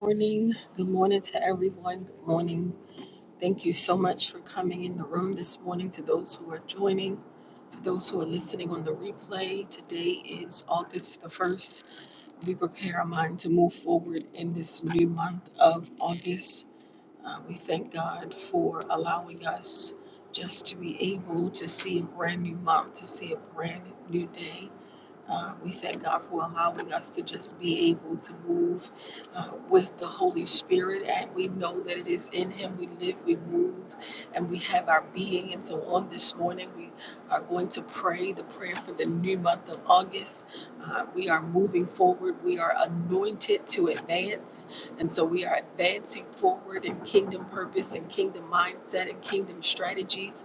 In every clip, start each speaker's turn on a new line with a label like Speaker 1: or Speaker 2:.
Speaker 1: morning. Good morning to everyone. Good morning. Thank you so much for coming in the room this morning to those who are joining. For those who are listening on the replay, today is August the 1st. We prepare our mind to move forward in this new month of August. Uh, we thank God for allowing us just to be able to see a brand new month, to see a brand new day. Uh, we thank God for allowing us to just be able to move uh, with the Holy Spirit. And we know that it is in Him we live, we move, and we have our being. And so on this morning, we are going to pray the prayer for the new month of August. Uh, we are moving forward, we are anointed to advance. And so we are advancing forward in kingdom purpose and kingdom mindset and kingdom strategies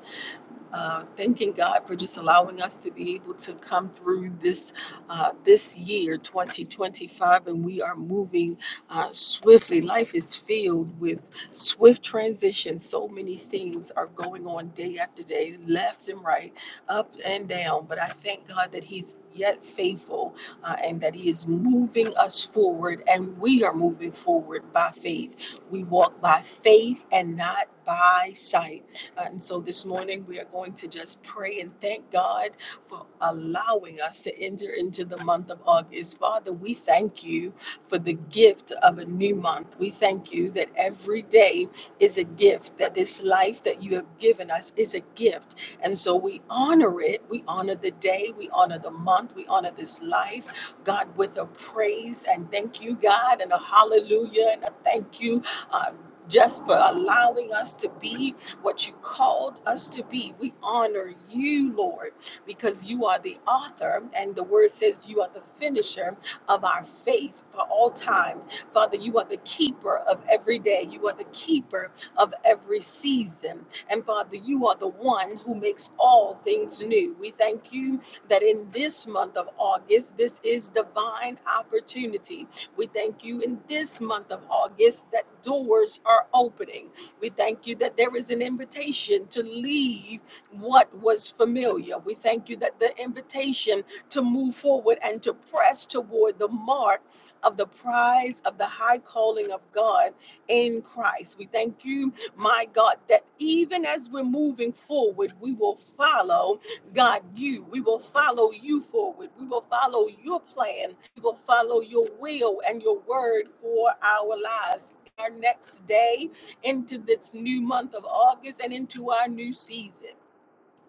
Speaker 1: uh, thanking God for just allowing us to be able to come through this uh, this year, 2025, and we are moving uh, swiftly. Life is filled with swift transitions. So many things are going on day after day, left and right, up and down. But I thank God that He's yet faithful uh, and that He is moving us forward, and we are moving forward by faith. We walk by faith and not by sight. Uh, And so this morning, we are going to just pray and thank God for allowing us to enter into the month of August. Father, we thank you for the gift of a new month. We thank you that every day is a gift, that this life that you have given us is a gift. And so we honor it. We honor the day, we honor the month, we honor this life, God, with a praise and thank you, God, and a hallelujah and a thank you. Uh, just for allowing us to be what you called us to be. We honor you, Lord, because you are the author, and the word says you are the finisher of our faith for all time. Father, you are the keeper of every day, you are the keeper of every season. And Father, you are the one who makes all things new. We thank you that in this month of August, this is divine opportunity. We thank you in this month of August that doors are opening. We thank you that there is an invitation to leave what was familiar. We thank you that the invitation to move forward and to press toward the mark of the prize of the high calling of God in Christ. We thank you, my God, that even as we're moving forward, we will follow God you. We will follow you forward. We will follow your plan. We will follow your will and your word for our lives. Our next day, into this new month of August and into our new season.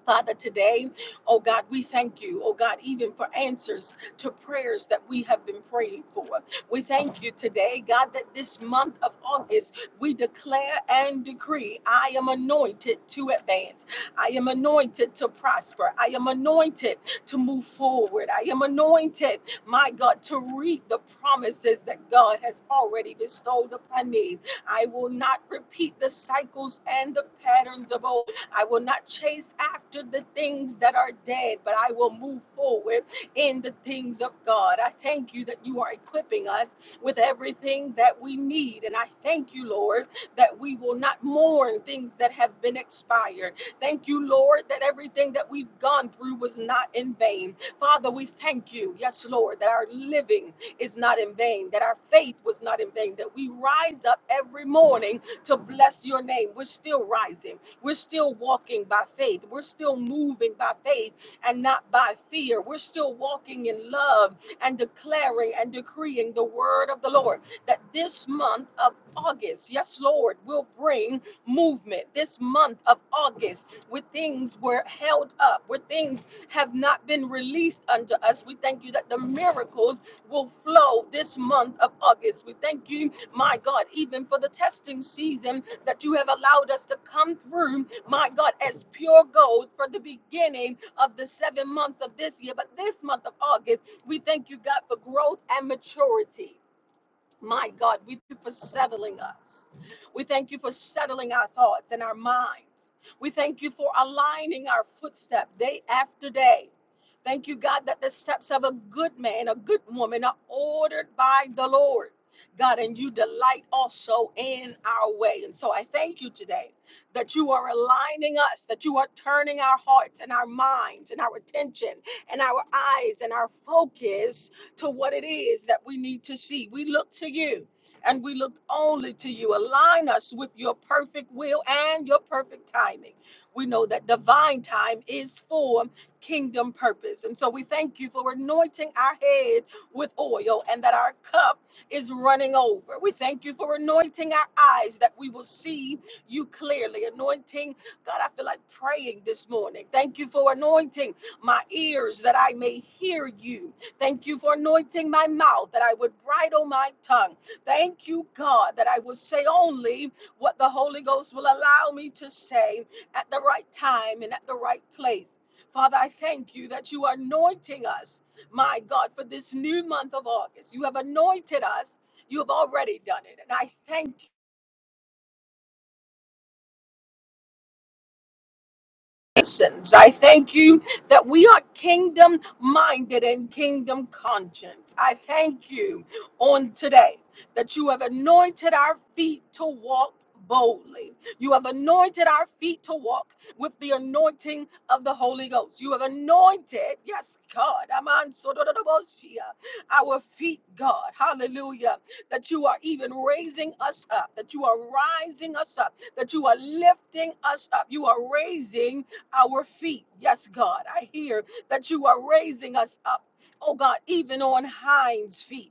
Speaker 1: Father, today, oh God, we thank you, oh God, even for answers to prayers that we have been praying for. We thank you today, God, that this month of August, we declare and decree I am anointed to advance. I am anointed to prosper. I am anointed to move forward. I am anointed, my God, to reap the promises that God has already bestowed upon me. I will not repeat the cycles and the patterns of old. I will not chase after the things that are dead, but I will move forward in the things of God. I thank you that you are equipping us with everything that we need. And I thank you, Lord, that we will not mourn things that have been expired. Thank you, Lord, that everything that we've gone through was not in vain. Father, we thank you, yes, Lord, that our living is not in vain, that our faith was not in vain, that we rise up every morning to bless your name. We're still rising. We're still walking by faith. We're still moving by faith and not by fear. We're still walking in love and declaring and decreeing the word of the Lord that this month of August, yes, Lord, will bring movement. This month of August, where things were held up, where things have not been released unto us, we thank you that the miracles will flow this month of August. We thank you my God, even for the testing season that you have allowed us to come through, my God, as pure gold for the beginning of the seven months of this year. But this month of August, we thank you, God, for growth and maturity. My God, we thank you for settling us. We thank you for settling our thoughts and our minds. We thank you for aligning our footstep day after day. Thank you, God, that the steps of a good man, a good woman are ordered by the Lord. God, and you delight also in our way. And so I thank you today that you are aligning us, that you are turning our hearts and our minds and our attention and our eyes and our focus to what it is that we need to see. We look to you and we look only to you. Align us with your perfect will and your perfect timing. We know that divine time is for kingdom purpose. And so we thank you for anointing our head with oil and that our cup is running over. We thank you for anointing our eyes that we will see you clearly. Anointing, God, I feel like praying this morning. Thank you for anointing my ears that I may hear you. Thank you for anointing my mouth that I would bridle my tongue. Thank you, God, that I will say only what the Holy Ghost will allow me to say at the right time and at the right place. Father, I thank you that you are anointing us, my God, for this new month of August. You have anointed us. You have already done it. And I thank you. I thank you that we are kingdom minded and kingdom conscience. I thank you on today that you have anointed our feet to walk boldly. You have anointed our feet to walk with the anointing of the Holy Ghost. You have anointed, yes, God, Aman Sodododoboshia, our feet, God, hallelujah, that you are even raising us up, that you are rising us up, that you are lifting us up. You are raising our feet. Yes, God, I hear that you are raising us up. Oh God, even on hinds feet.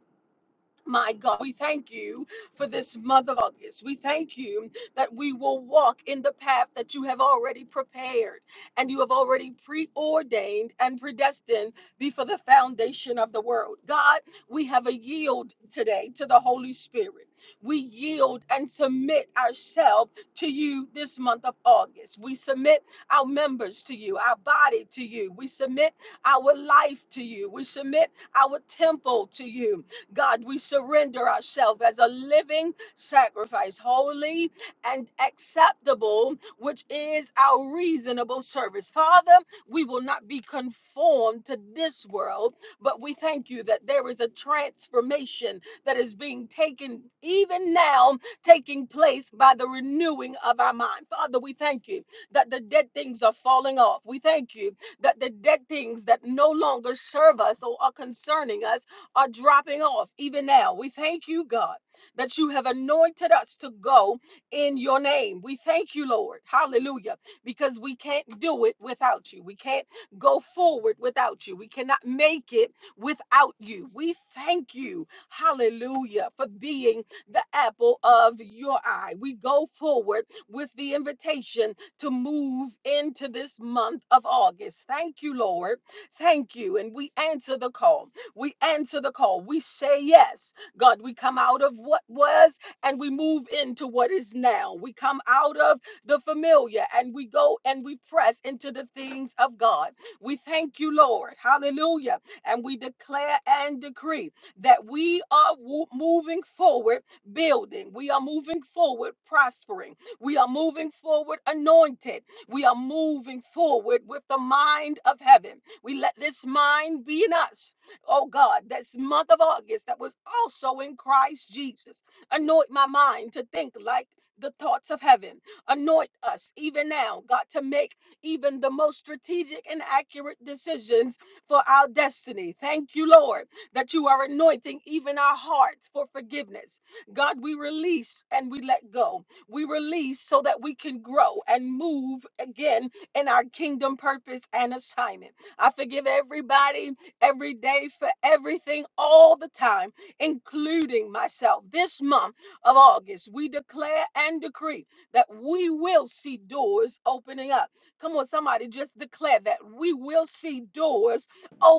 Speaker 1: My God, we thank you for this month of August. We thank you that we will walk in the path that you have already prepared and you have already preordained and predestined before the foundation of the world. God, we have a yield today to the Holy Spirit. We yield and submit ourselves to you this month of August. We submit our members to you, our body to you. We submit our life to you. We submit our temple to you. God, we surrender ourselves as a living sacrifice, holy and acceptable, which is our reasonable service. Father, we will not be conformed to this world, but we thank you that there is a transformation that is being taken even now, taking place by the renewing of our mind. Father, we thank you that the dead things are falling off. We thank you that the dead things that no longer serve us or are concerning us are dropping off even now. We thank you, God, that you have anointed us to go in your name. We thank you, Lord. Hallelujah. Because we can't do it without you. We can't go forward without you. We cannot make it without you. We thank you. Hallelujah. For being the apple of your eye. We go forward with the invitation to move into this month of August. Thank you, Lord. Thank you. And we answer the call. We answer the call. We say yes. God, we come out of what was and we move into what is now. We come out of the familiar and we go and we press into the things of God. We thank you, Lord. Hallelujah. And we declare and decree that we are wo- moving forward, building. We are moving forward, prospering. We are moving forward, anointed. We are moving forward with the mind of heaven. We let this mind be in us oh God, this month of August that was also in Christ Jesus. Anoint my mind to think like the thoughts of heaven. Anoint us even now, God, to make even the most strategic and accurate decisions for our destiny. Thank you, Lord, that you are anointing even our hearts for forgiveness. God, we release and we let go. We release so that we can grow and move again in our kingdom purpose and assignment. I forgive everybody every day for everything all the time, including myself. This month of August, we declare and decree that we will see doors opening up. Come on, somebody, just declare that we will see doors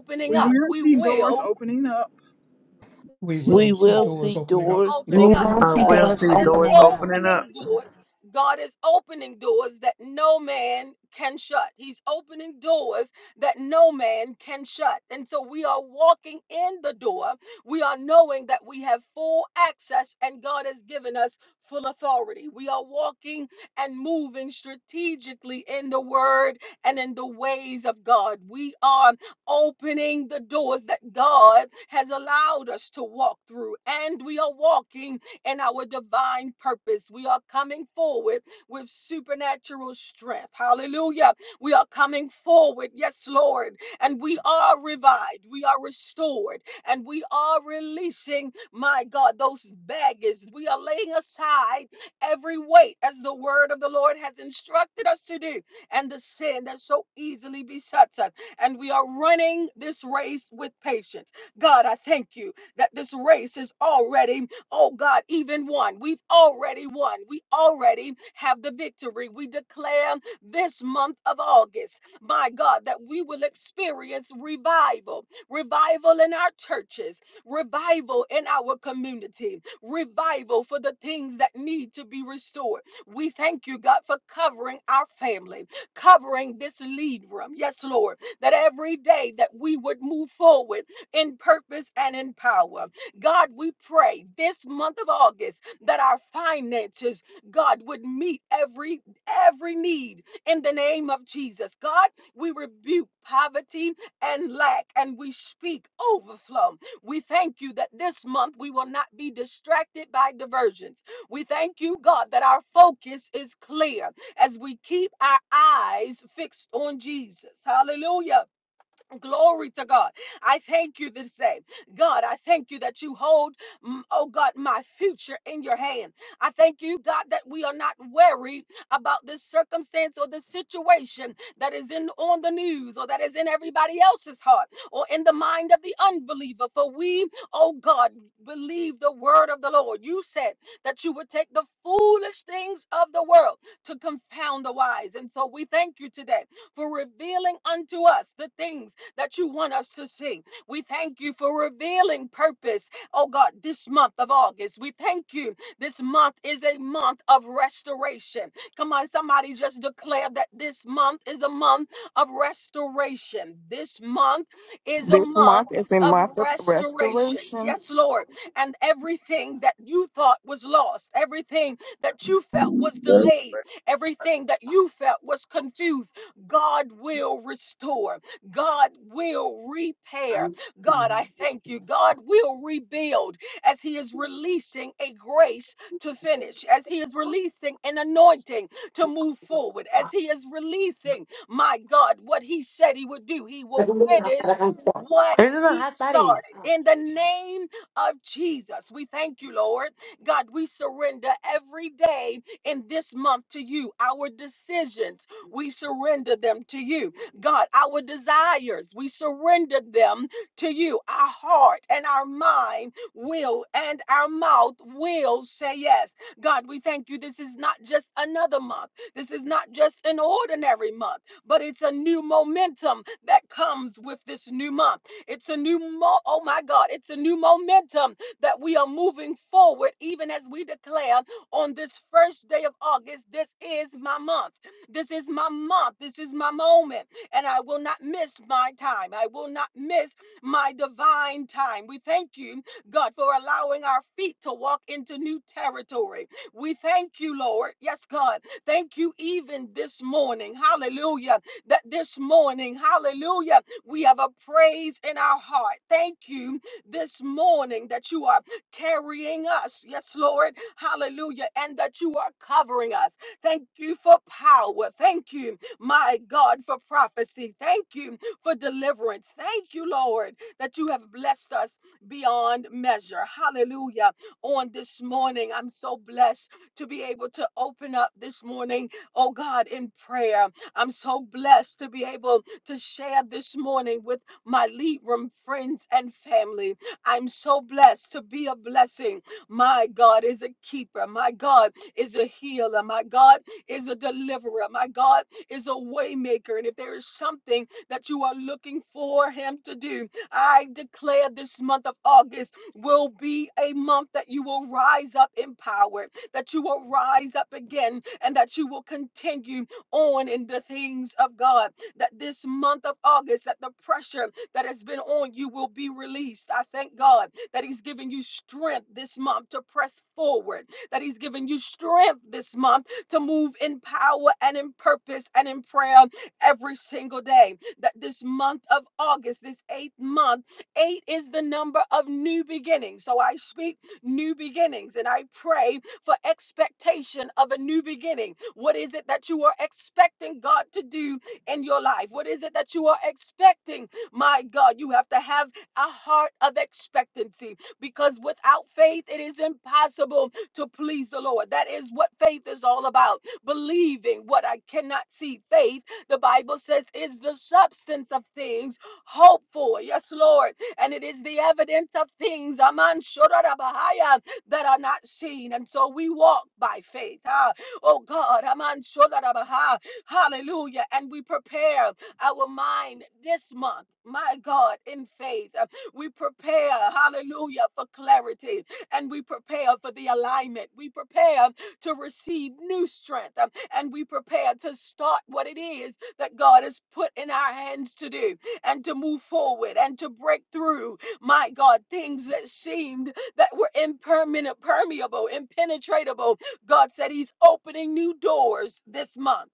Speaker 1: opening
Speaker 2: We
Speaker 1: up.
Speaker 2: will
Speaker 1: We
Speaker 2: see
Speaker 1: will
Speaker 2: doors opening up.
Speaker 3: We
Speaker 1: See
Speaker 4: We
Speaker 3: will see
Speaker 4: will
Speaker 3: doors
Speaker 4: see
Speaker 1: doors
Speaker 3: opening up.
Speaker 4: doors
Speaker 1: opening up.
Speaker 4: opening
Speaker 5: I
Speaker 4: up.
Speaker 5: will
Speaker 1: And
Speaker 5: see
Speaker 1: God is
Speaker 5: doors opening up.
Speaker 1: opening doors. God is opening doors that no man can shut. He's opening doors that no man can shut. And so we are walking in the door. We are knowing that we have full access and God has given us full authority. We are walking and moving strategically in the word and in the ways of God. We are opening the doors that God has allowed us to walk through. And we are walking in our divine purpose. We are coming forward with supernatural strength. Hallelujah. We are coming forward. Yes, Lord. And we are revived. We are restored. And we are releasing, my God, those baggage. We are laying aside every weight as the word of the Lord has instructed us to do and the sin that so easily besets us and we are running this race with patience. God, I thank you that this race is already, oh God, even won. We've already won. We already have the victory. We declare this month of August, my God, that we will experience revival, revival in our churches, revival in our community, revival for the things that need to be restored. We thank you, God, for covering our family, covering this lead room. Yes, Lord that every day that we would move forward in purpose and in power. God, we pray this month of August that our finances, God, would meet every every need in the name of Jesus. God, we rebuke poverty and lack and we speak overflow. We thank you that this month we will not be distracted by diversions. We thank you, God, that our focus is clear as we keep our eyes fixed on Jesus. Hallelujah Glory to God. I thank you this day. God, I thank you that you hold, mm, oh God, my future in your hand. I thank you, God, that we are not worried about this circumstance or this situation that is in on the news or that is in everybody else's heart or in the mind of the unbeliever. For we, oh God, believe the word of the Lord. You said that you would take the foolish things of the world to confound the wise. And so we thank you today for revealing unto us the things that you want us to see. We thank you for revealing purpose, oh God, this month of August. We thank you. This month is a month of restoration. Come on, somebody just declare that this month is a month of restoration. This month is a
Speaker 2: This
Speaker 1: month
Speaker 2: month is a
Speaker 1: of
Speaker 2: month of
Speaker 1: restoration.
Speaker 2: restoration.
Speaker 1: Yes, Lord. And everything that you thought was lost, everything that you felt was
Speaker 6: Yes,
Speaker 1: delayed, everything that you felt was confused, God will restore. God will repair.
Speaker 7: This
Speaker 1: God, I thank you. God will rebuild as He is releasing a grace to finish, as He is releasing an anointing to move forward, as He is releasing, my God, what He said He would do. He
Speaker 7: is a
Speaker 1: will finish. What
Speaker 7: it
Speaker 1: he
Speaker 7: hot fatty?
Speaker 1: started in the name of Jesus. We thank you, Lord. God, we surrender every day in this month to you. Our decisions, we surrender them to you God, our desires, we surrender them to you. Our heart and our mind will and our mouth will say yes. God, we thank you. This is not just another month. This is not just an ordinary month, but it's a new momentum that comes with this new month. It's a new, mo- oh my God, it's a new momentum that we are moving forward, even as we declare on this first day of August, this is my month. This is my month. This is my moment and I will not miss my time. I will not miss my divine time. We thank you, God, for allowing our feet to walk into new territory. We thank you, Lord. Yes, God. Thank you even this morning. Hallelujah. That this morning, hallelujah, we have a praise in our heart. Thank you this morning that you are carrying us. Yes, Lord. Hallelujah. And that you are covering us. Thank you for power. Thank you my God, for prophecy. Thank you for deliverance. Thank you, Lord, that you have blessed us beyond measure. Hallelujah. On this morning, I'm so blessed to be able to open up this morning, oh God, in prayer. I'm so blessed to be able to share this morning with my lead room friends and family. I'm so blessed to be a blessing. My God is a keeper. My God is a healer. My God is a deliverer. My God is a waymaker, And if there is something that you are looking for him to do, I declare this month of August will be a month that you will rise up in power, that you will rise up again, and that you will continue on in the things of God. That this month of August, that the pressure that has been on you will be released. I thank God that He's given you strength this month to press forward, that He's given you strength this month to move in power and in purpose and in prayer every single day. That this month of August, this eighth month, eight is the number of new beginnings. So I speak new beginnings and I pray for expectation of a new beginning. What is it that you are expecting God to do in your life? What is it that you are expecting? My God, you have to have a heart of expectancy because without faith, it is impossible to please the Lord. That is what faith is all about. Believing what I cannot see. Faith, the Bible says, is the substance of things hoped for. Yes, Lord. And it is the evidence of things, Aman Shodarabahaya, that are not seen. And so we walk by faith. Ah, oh God, Aman Shodarabaha. Hallelujah. And we prepare our mind this month, my God, in faith. Uh, We prepare, hallelujah, for clarity and we prepare for the alignment. We prepare to receive new strength um, and we prepare to start what it is that God has put in our hands to do and to move forward and to break through, my God, things that seemed that were impermeable, permeable, impenetrable. God said He's opening new doors this month.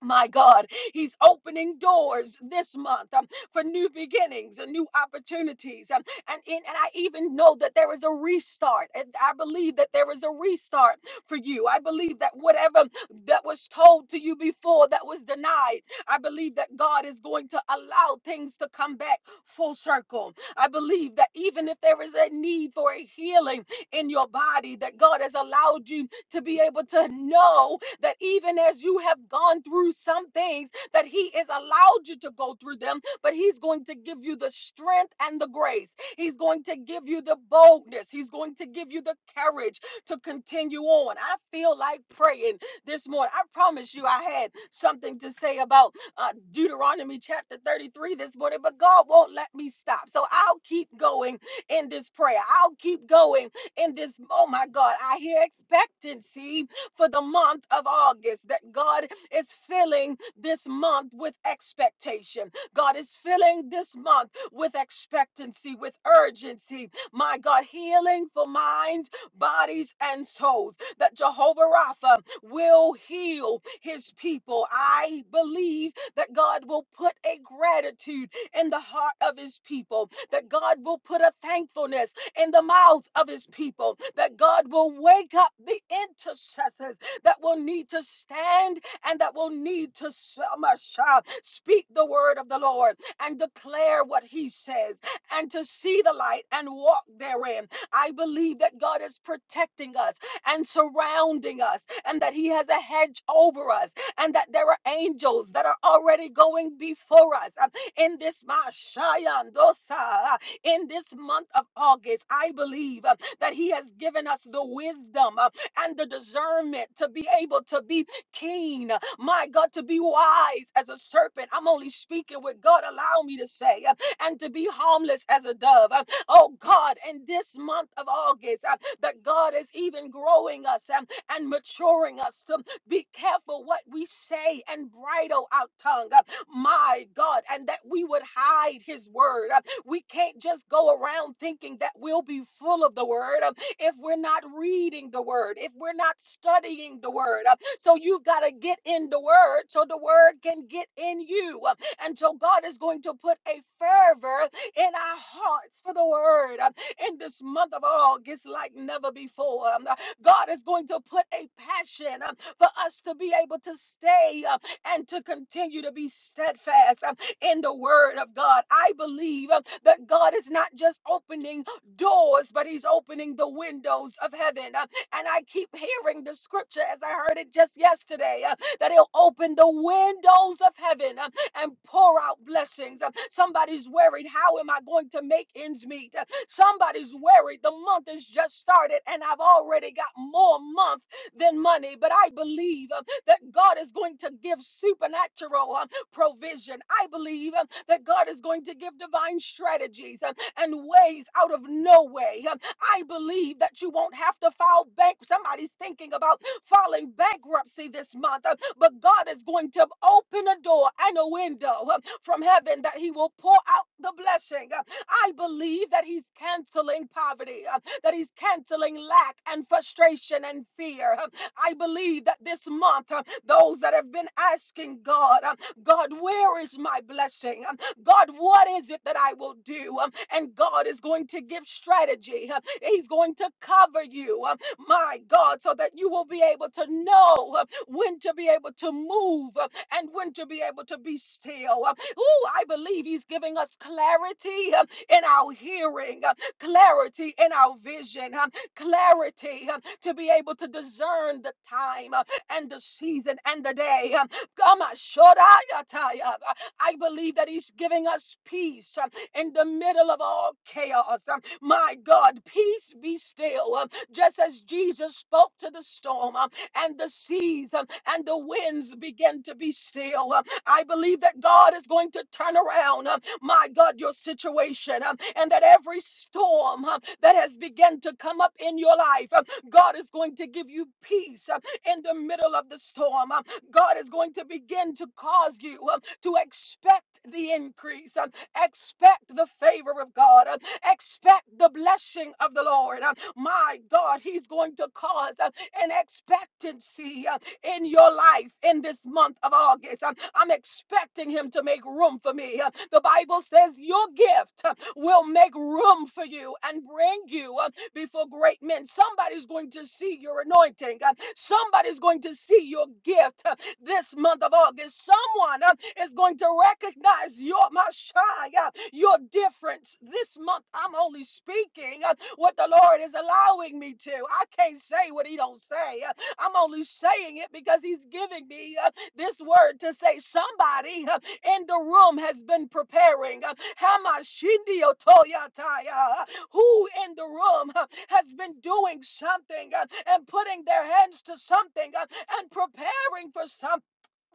Speaker 1: My God, He's opening doors this month um, for new beginnings and new opportunities. Um, and, in, and I even know that there is a restart. And I believe that there is a restart for you. I believe that whatever that was told to you before that was denied, I believe that God is going to allow things to come back full circle. I believe that even if there is a need for a healing in your body, that God has allowed you to be able to know that even as you have gone through some things, that He has allowed you to go through them, but He's going to give you the strength and the grace. He's going to give you the boldness. He's going to give you the courage to continue on. I feel like praying this morning. I promise you, I had something to say about uh, Deuteronomy chapter 33 this morning, but God won't let me stop. So I'll keep going in this prayer. I'll keep going in this. Oh my God, I hear expectancy for the month of August that God is filling this month with expectation. God is filling this month with expectancy, with urgency. My God, healing for minds, bodies, and souls. That Jehovah Rapha will heal his people. I believe that God will put a gratitude in the heart of his people, that God will put a thankfulness in the mouths of his people, that God will wake up the intercessors that will need to stand and that will need to s- um, uh, uh, speak the word of the Lord and declare what he says and to see the light and walk therein. I believe that God is protecting us and surrounding us and that he has a hedge over us and that there are angels that are already going before us uh, in this Mashayandosa in this month of August, I believe uh, that He has given us the wisdom uh, and the discernment to be able to be keen, uh, my God, to be wise as a serpent. I'm only speaking what God allow me to say, uh, and to be harmless as a dove. Uh, Oh God, in this month of August, uh, that God is even growing us um, and maturing us to be careful what we say and bridle our tongue. uh, My God, and that we would hide His word. uh, we can't just go around thinking that we'll be full of the word um, if we're not reading the word, if we're not studying the word. Uh, So you've got to get in the word so the word can get in you. Uh, And so God is going to put a fervor in our hearts for the word uh, in this month of August like never before. Um, uh, God is going to put a passion um, for us to be able to stay uh, and to continue to be steadfast. Um, in the word of God. I believe uh, that God is not just opening doors, but he's opening the windows of heaven. Uh, And I keep hearing the scripture as I heard it just yesterday uh, that he'll open the windows of heaven uh, and pour out blessings. Uh, Somebody's worried, how am I going to make ends meet? Uh, Somebody's worried, the month has just started and I've already got more month than money. But I believe uh, that God is going to give supernatural. um, provision. I believe um, that God is going to give divine strategies um, and ways out of no way. Um, I believe that you won't have to file bank. Somebody's thinking about filing bankruptcy this month, uh, but God is going to open a door and a window uh, from heaven that He will pour out the blessing. Uh, I believe that He's canceling poverty, uh, that He's canceling lack and frustration and fear. Uh, I believe that this month, uh, those that have been asking God, uh, God, where is my blessing? Um, God, what is it that I will do? Um, And God is going to give strategy. Um, He's going to cover you, um, my God, so that you will be able to know um, when to be able to move um, and when to be able to be still. Um, Ooh, I believe He's giving us clarity um, in our hearing, um, clarity in our vision, um, clarity um, to be able to discern the time um, and the season and the day. Um, Kama shodayataya. I believe that He's giving us peace um, in the middle of all chaos. Um, My God, peace be still. Um, Just as Jesus spoke to the storm um, and the seas um, and the winds began to be still, um, I believe that God is going to turn around, um, my God, your situation um, and that every storm um, that has begun to come up in your life, um, God is going to give you peace um, in the middle of the storm. Um, God is going to begin to cause you um, to expect the increase, um, expect the favor of God, um, expect the blessing of the Lord. um, My God, He's going to cause uh, an expectancy uh, in your life in this month of August. Um, I'm expecting Him to make room for me. Uh, The Bible says your gift uh, will make room for you and bring you uh, before great men. Somebody's going to see your anointing. Uh, Somebody's going to see your gift. uh, this month of August. Someone uh, is going to recognize your Messiah, your difference. This month, I'm only speaking uh, what the Lord is allowing me to. I can't say what He don't say. Uh, I'm only saying it because He's giving me uh, this word to say somebody uh, in the room has been preparing. uh, who in the room uh, has been doing something uh, and putting their hands to something uh, and preparing for something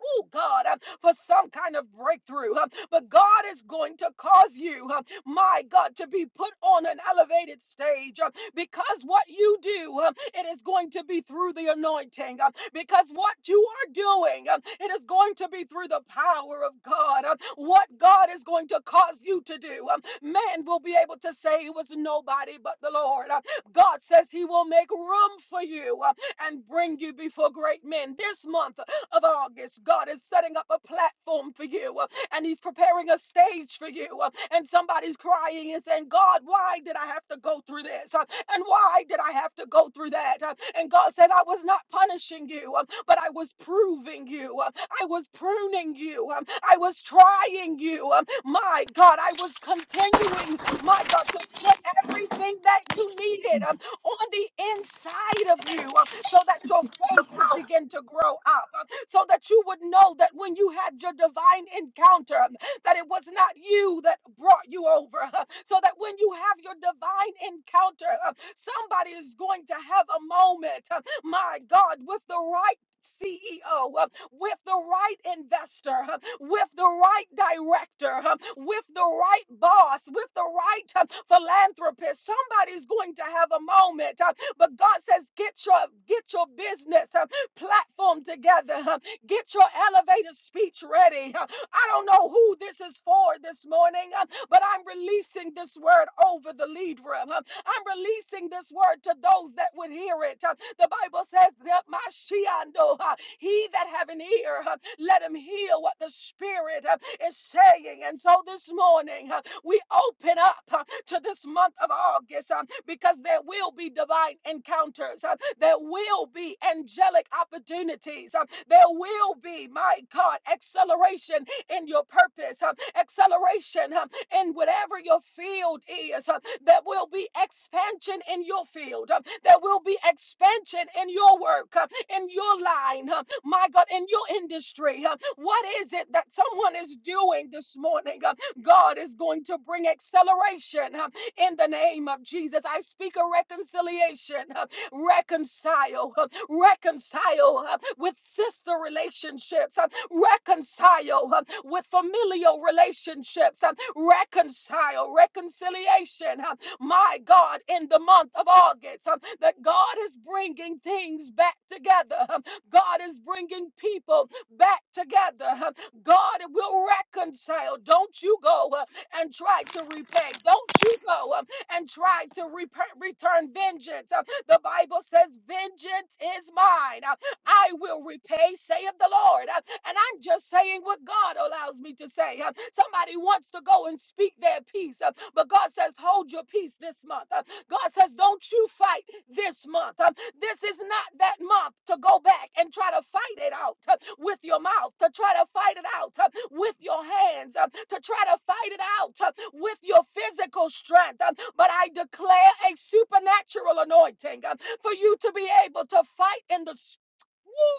Speaker 1: oh God, uh, for some kind of breakthrough. uh, But God is going to cause you, uh, my God, to be put on an elevated stage uh, because what you do, uh, it is going to be through the anointing. uh, Because what you are doing, uh, it is going to be through the power of God. uh, What God is going to cause you to do, um, man will be able to say it was nobody but the Lord. uh, God says He will make room for you uh, and bring you before great men this month of August. God is setting up a platform for you uh, and He's preparing a stage for you. uh, And somebody's crying and saying, God, why did I have to go through this? Uh, And why did I have to go through that? Uh, And God said, I was not punishing you, um, but I was proving you. um, I was pruning you. um, I was trying you. um, My God, I was continuing, my God, to put everything that you needed um, on the inside of you um, so that your faith could begin to grow up. uh, so that you would know that when you had your divine encounter, that it was not you that brought you over. So that when you have your divine encounter, uh, somebody is going to have a moment, uh, my God, with the right. CEO, uh, with the right investor, uh, with the right director, uh, with the right boss, with the right uh, philanthropist, somebody's going to have a moment. uh, But God says, get your get your business, uh, platform together. huh. Get your elevator speech ready. huh. I don't know who this is for this morning, huh, but I'm releasing this word over the lead room. huh. I'm releasing this word to those that would hear it. huh. The Bible says that my shiando, huh, he that have an ear, ear. uh, Let him hear what the Spirit uh, is saying. And so this morning, uh, we open up uh, to this month of August um, because there will be divine encounters. uh, There will be angelic opportunities. uh, There will be, my God, acceleration in your purpose, um, acceleration um, in whatever your field is. um, There will be expansion in your field. um, There will be expansion in your work, um, in your line, um, my God, in your industry. um, What is it that someone is doing this morning? um, God is going to bring acceleration um, in the name of Jesus. I speak a reconciliation. um, reconcile, uh, reconcile uh, with sister relationships. Uh, reconcile um, with familial relationships, um, reconcile, reconciliation. um, My God, in the month of August, um, that God is bringing things back together. um, God is bringing people back together. um, God will reconcile. Don't you go uh, and try to repay. Don't you go um, and try to repa return vengeance. Uh, the Bible says, Vengeance is mine. Uh, I will repay, saith the Lord. Uh, And I'm just saying what God allows me to say. Uh, Somebody wants to go and speak their peace, uh, but God says, hold your peace this month. Uh, God says, don't you fight this month. Um, This is not that month to go back and try to fight it out uh, with your mouth, to try to fight it out uh, with your hands, uh, to try to fight it out uh, with your physical strength. Um, But I declare a supernatural anointing um, for you to be able to fight in the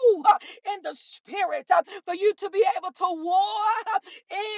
Speaker 1: move uh, in the spirit, uh, for you to be able to war uh,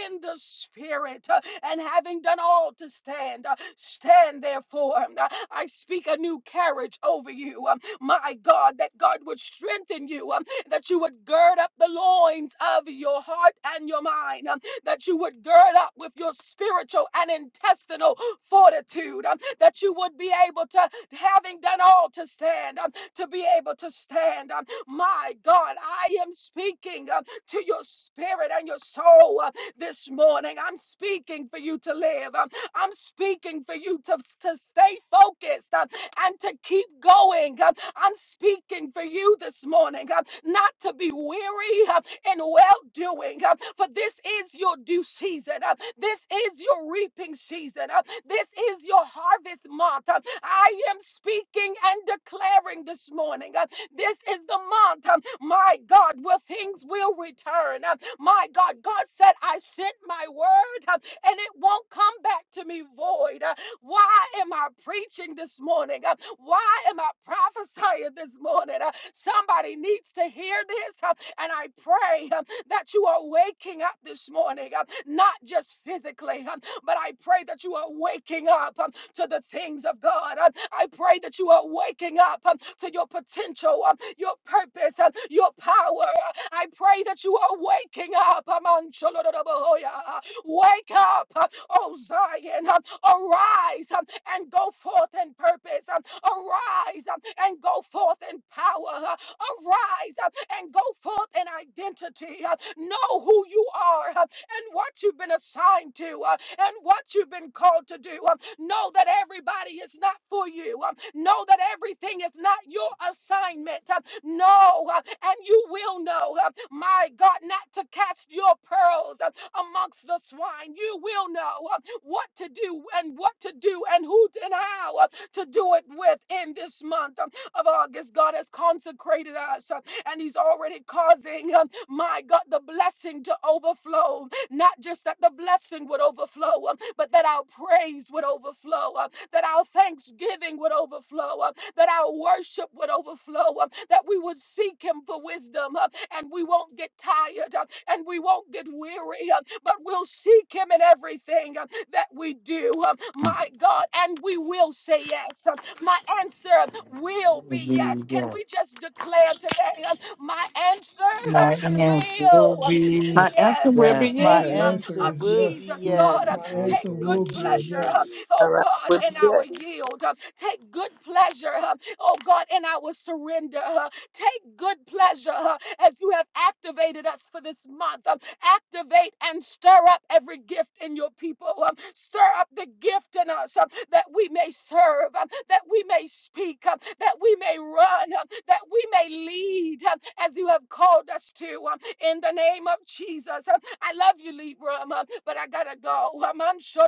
Speaker 1: in the spirit, uh, and having done all to stand, uh, stand therefore. Um, uh, I speak a new carriage over you, um, my God, that God would strengthen you, um, that you would gird up the loins of your heart and your mind, um, that you would gird up with your spiritual and intestinal fortitude, um, that you would be able to, having done all to stand, um, to be able to stand. um, My God, I am speaking um, to your spirit and your soul uh, this morning. I'm speaking speaking for you to live. Um, I'm speaking for you to, to stay focused um, and to keep going. Um, I'm speaking for you this morning um, not to be weary um, in well doing, um, for this is your due season. um, This is your reaping season. This is your harvest month. Uh, I am speaking and declaring this morning. uh, This is the month, um, my God, where things will return. Uh, My God, God said, I sent my word uh, and it won't come back to me void. Uh, Why am I preaching this morning? Uh, Why am I prophesying this morning? Uh, Somebody needs to hear this. Uh, and I pray um, that you are waking up this morning, um, not just physically, um, but I pray that you are waking up um, to the things of God. Um, I pray that you are waking up um, to your potential, um, your purpose, um, your power. I pray that you are waking up. um, Wake up, uh, O Zion. uh, Arise um, and go forth in purpose. um, Arise um, and go forth in power. uh, Arise um, and go forth in identity. uh, Know who you are. uh, and what you've been assigned to uh, and what you've been called to do. Um, know that everybody is not for you. Um, know that everything is not your assignment. Um, know, uh, and you will know, uh, my God, not to cast your pearls uh, amongst the swine. You will know uh, what to do and what to do and who and how uh, to do it with in this month um, of August. God has consecrated us uh, and He's already causing, um, my God, the blessing to overflow not just that the blessing would overflow, um, but that our praise would overflow, um, that our thanksgiving would overflow, um, that our worship would overflow, um, that we would seek Him for wisdom, um, and we won't get tired, um, and we won't get weary, um, but we'll seek Him in everything um, that we do, um, my God, and we will say yes. um, My answer um, will be
Speaker 8: be
Speaker 1: yes. Can we
Speaker 8: yes.
Speaker 1: just declare today, um, my answer um,
Speaker 8: My answer will
Speaker 1: will? um,
Speaker 8: be
Speaker 2: My answer
Speaker 1: Yes,
Speaker 2: will
Speaker 1: in
Speaker 2: be
Speaker 1: the
Speaker 8: yes.
Speaker 4: My
Speaker 3: My
Speaker 1: name
Speaker 2: yes.
Speaker 1: um,
Speaker 3: answer
Speaker 4: answer
Speaker 1: of
Speaker 3: is
Speaker 4: will be
Speaker 1: Jesus,
Speaker 3: yes.
Speaker 1: God, um,
Speaker 3: My
Speaker 8: Glory
Speaker 4: yes.
Speaker 9: My
Speaker 1: take
Speaker 3: answer
Speaker 9: answer
Speaker 1: good
Speaker 9: is
Speaker 3: will be
Speaker 9: yes,
Speaker 1: pleasure,
Speaker 3: yes.
Speaker 1: um,
Speaker 9: Lord.
Speaker 5: All
Speaker 1: oh
Speaker 5: right.
Speaker 1: God,
Speaker 5: Well,
Speaker 1: in
Speaker 5: yeah.
Speaker 1: our yield. um, Take good pleasure, um, oh God, in our surrender. Um, Take good pleasure uh, as you have activated us for this month. Um, activate and stir up every gift in your people. Um, stir up the gift in us um, that we may serve, um, that we may speak, um, that we may run, um, that we may lead um, as you have called us to. um, in the name of Jesus. Um, I love you, Libra, um, uh, but I gotta go. Um, sure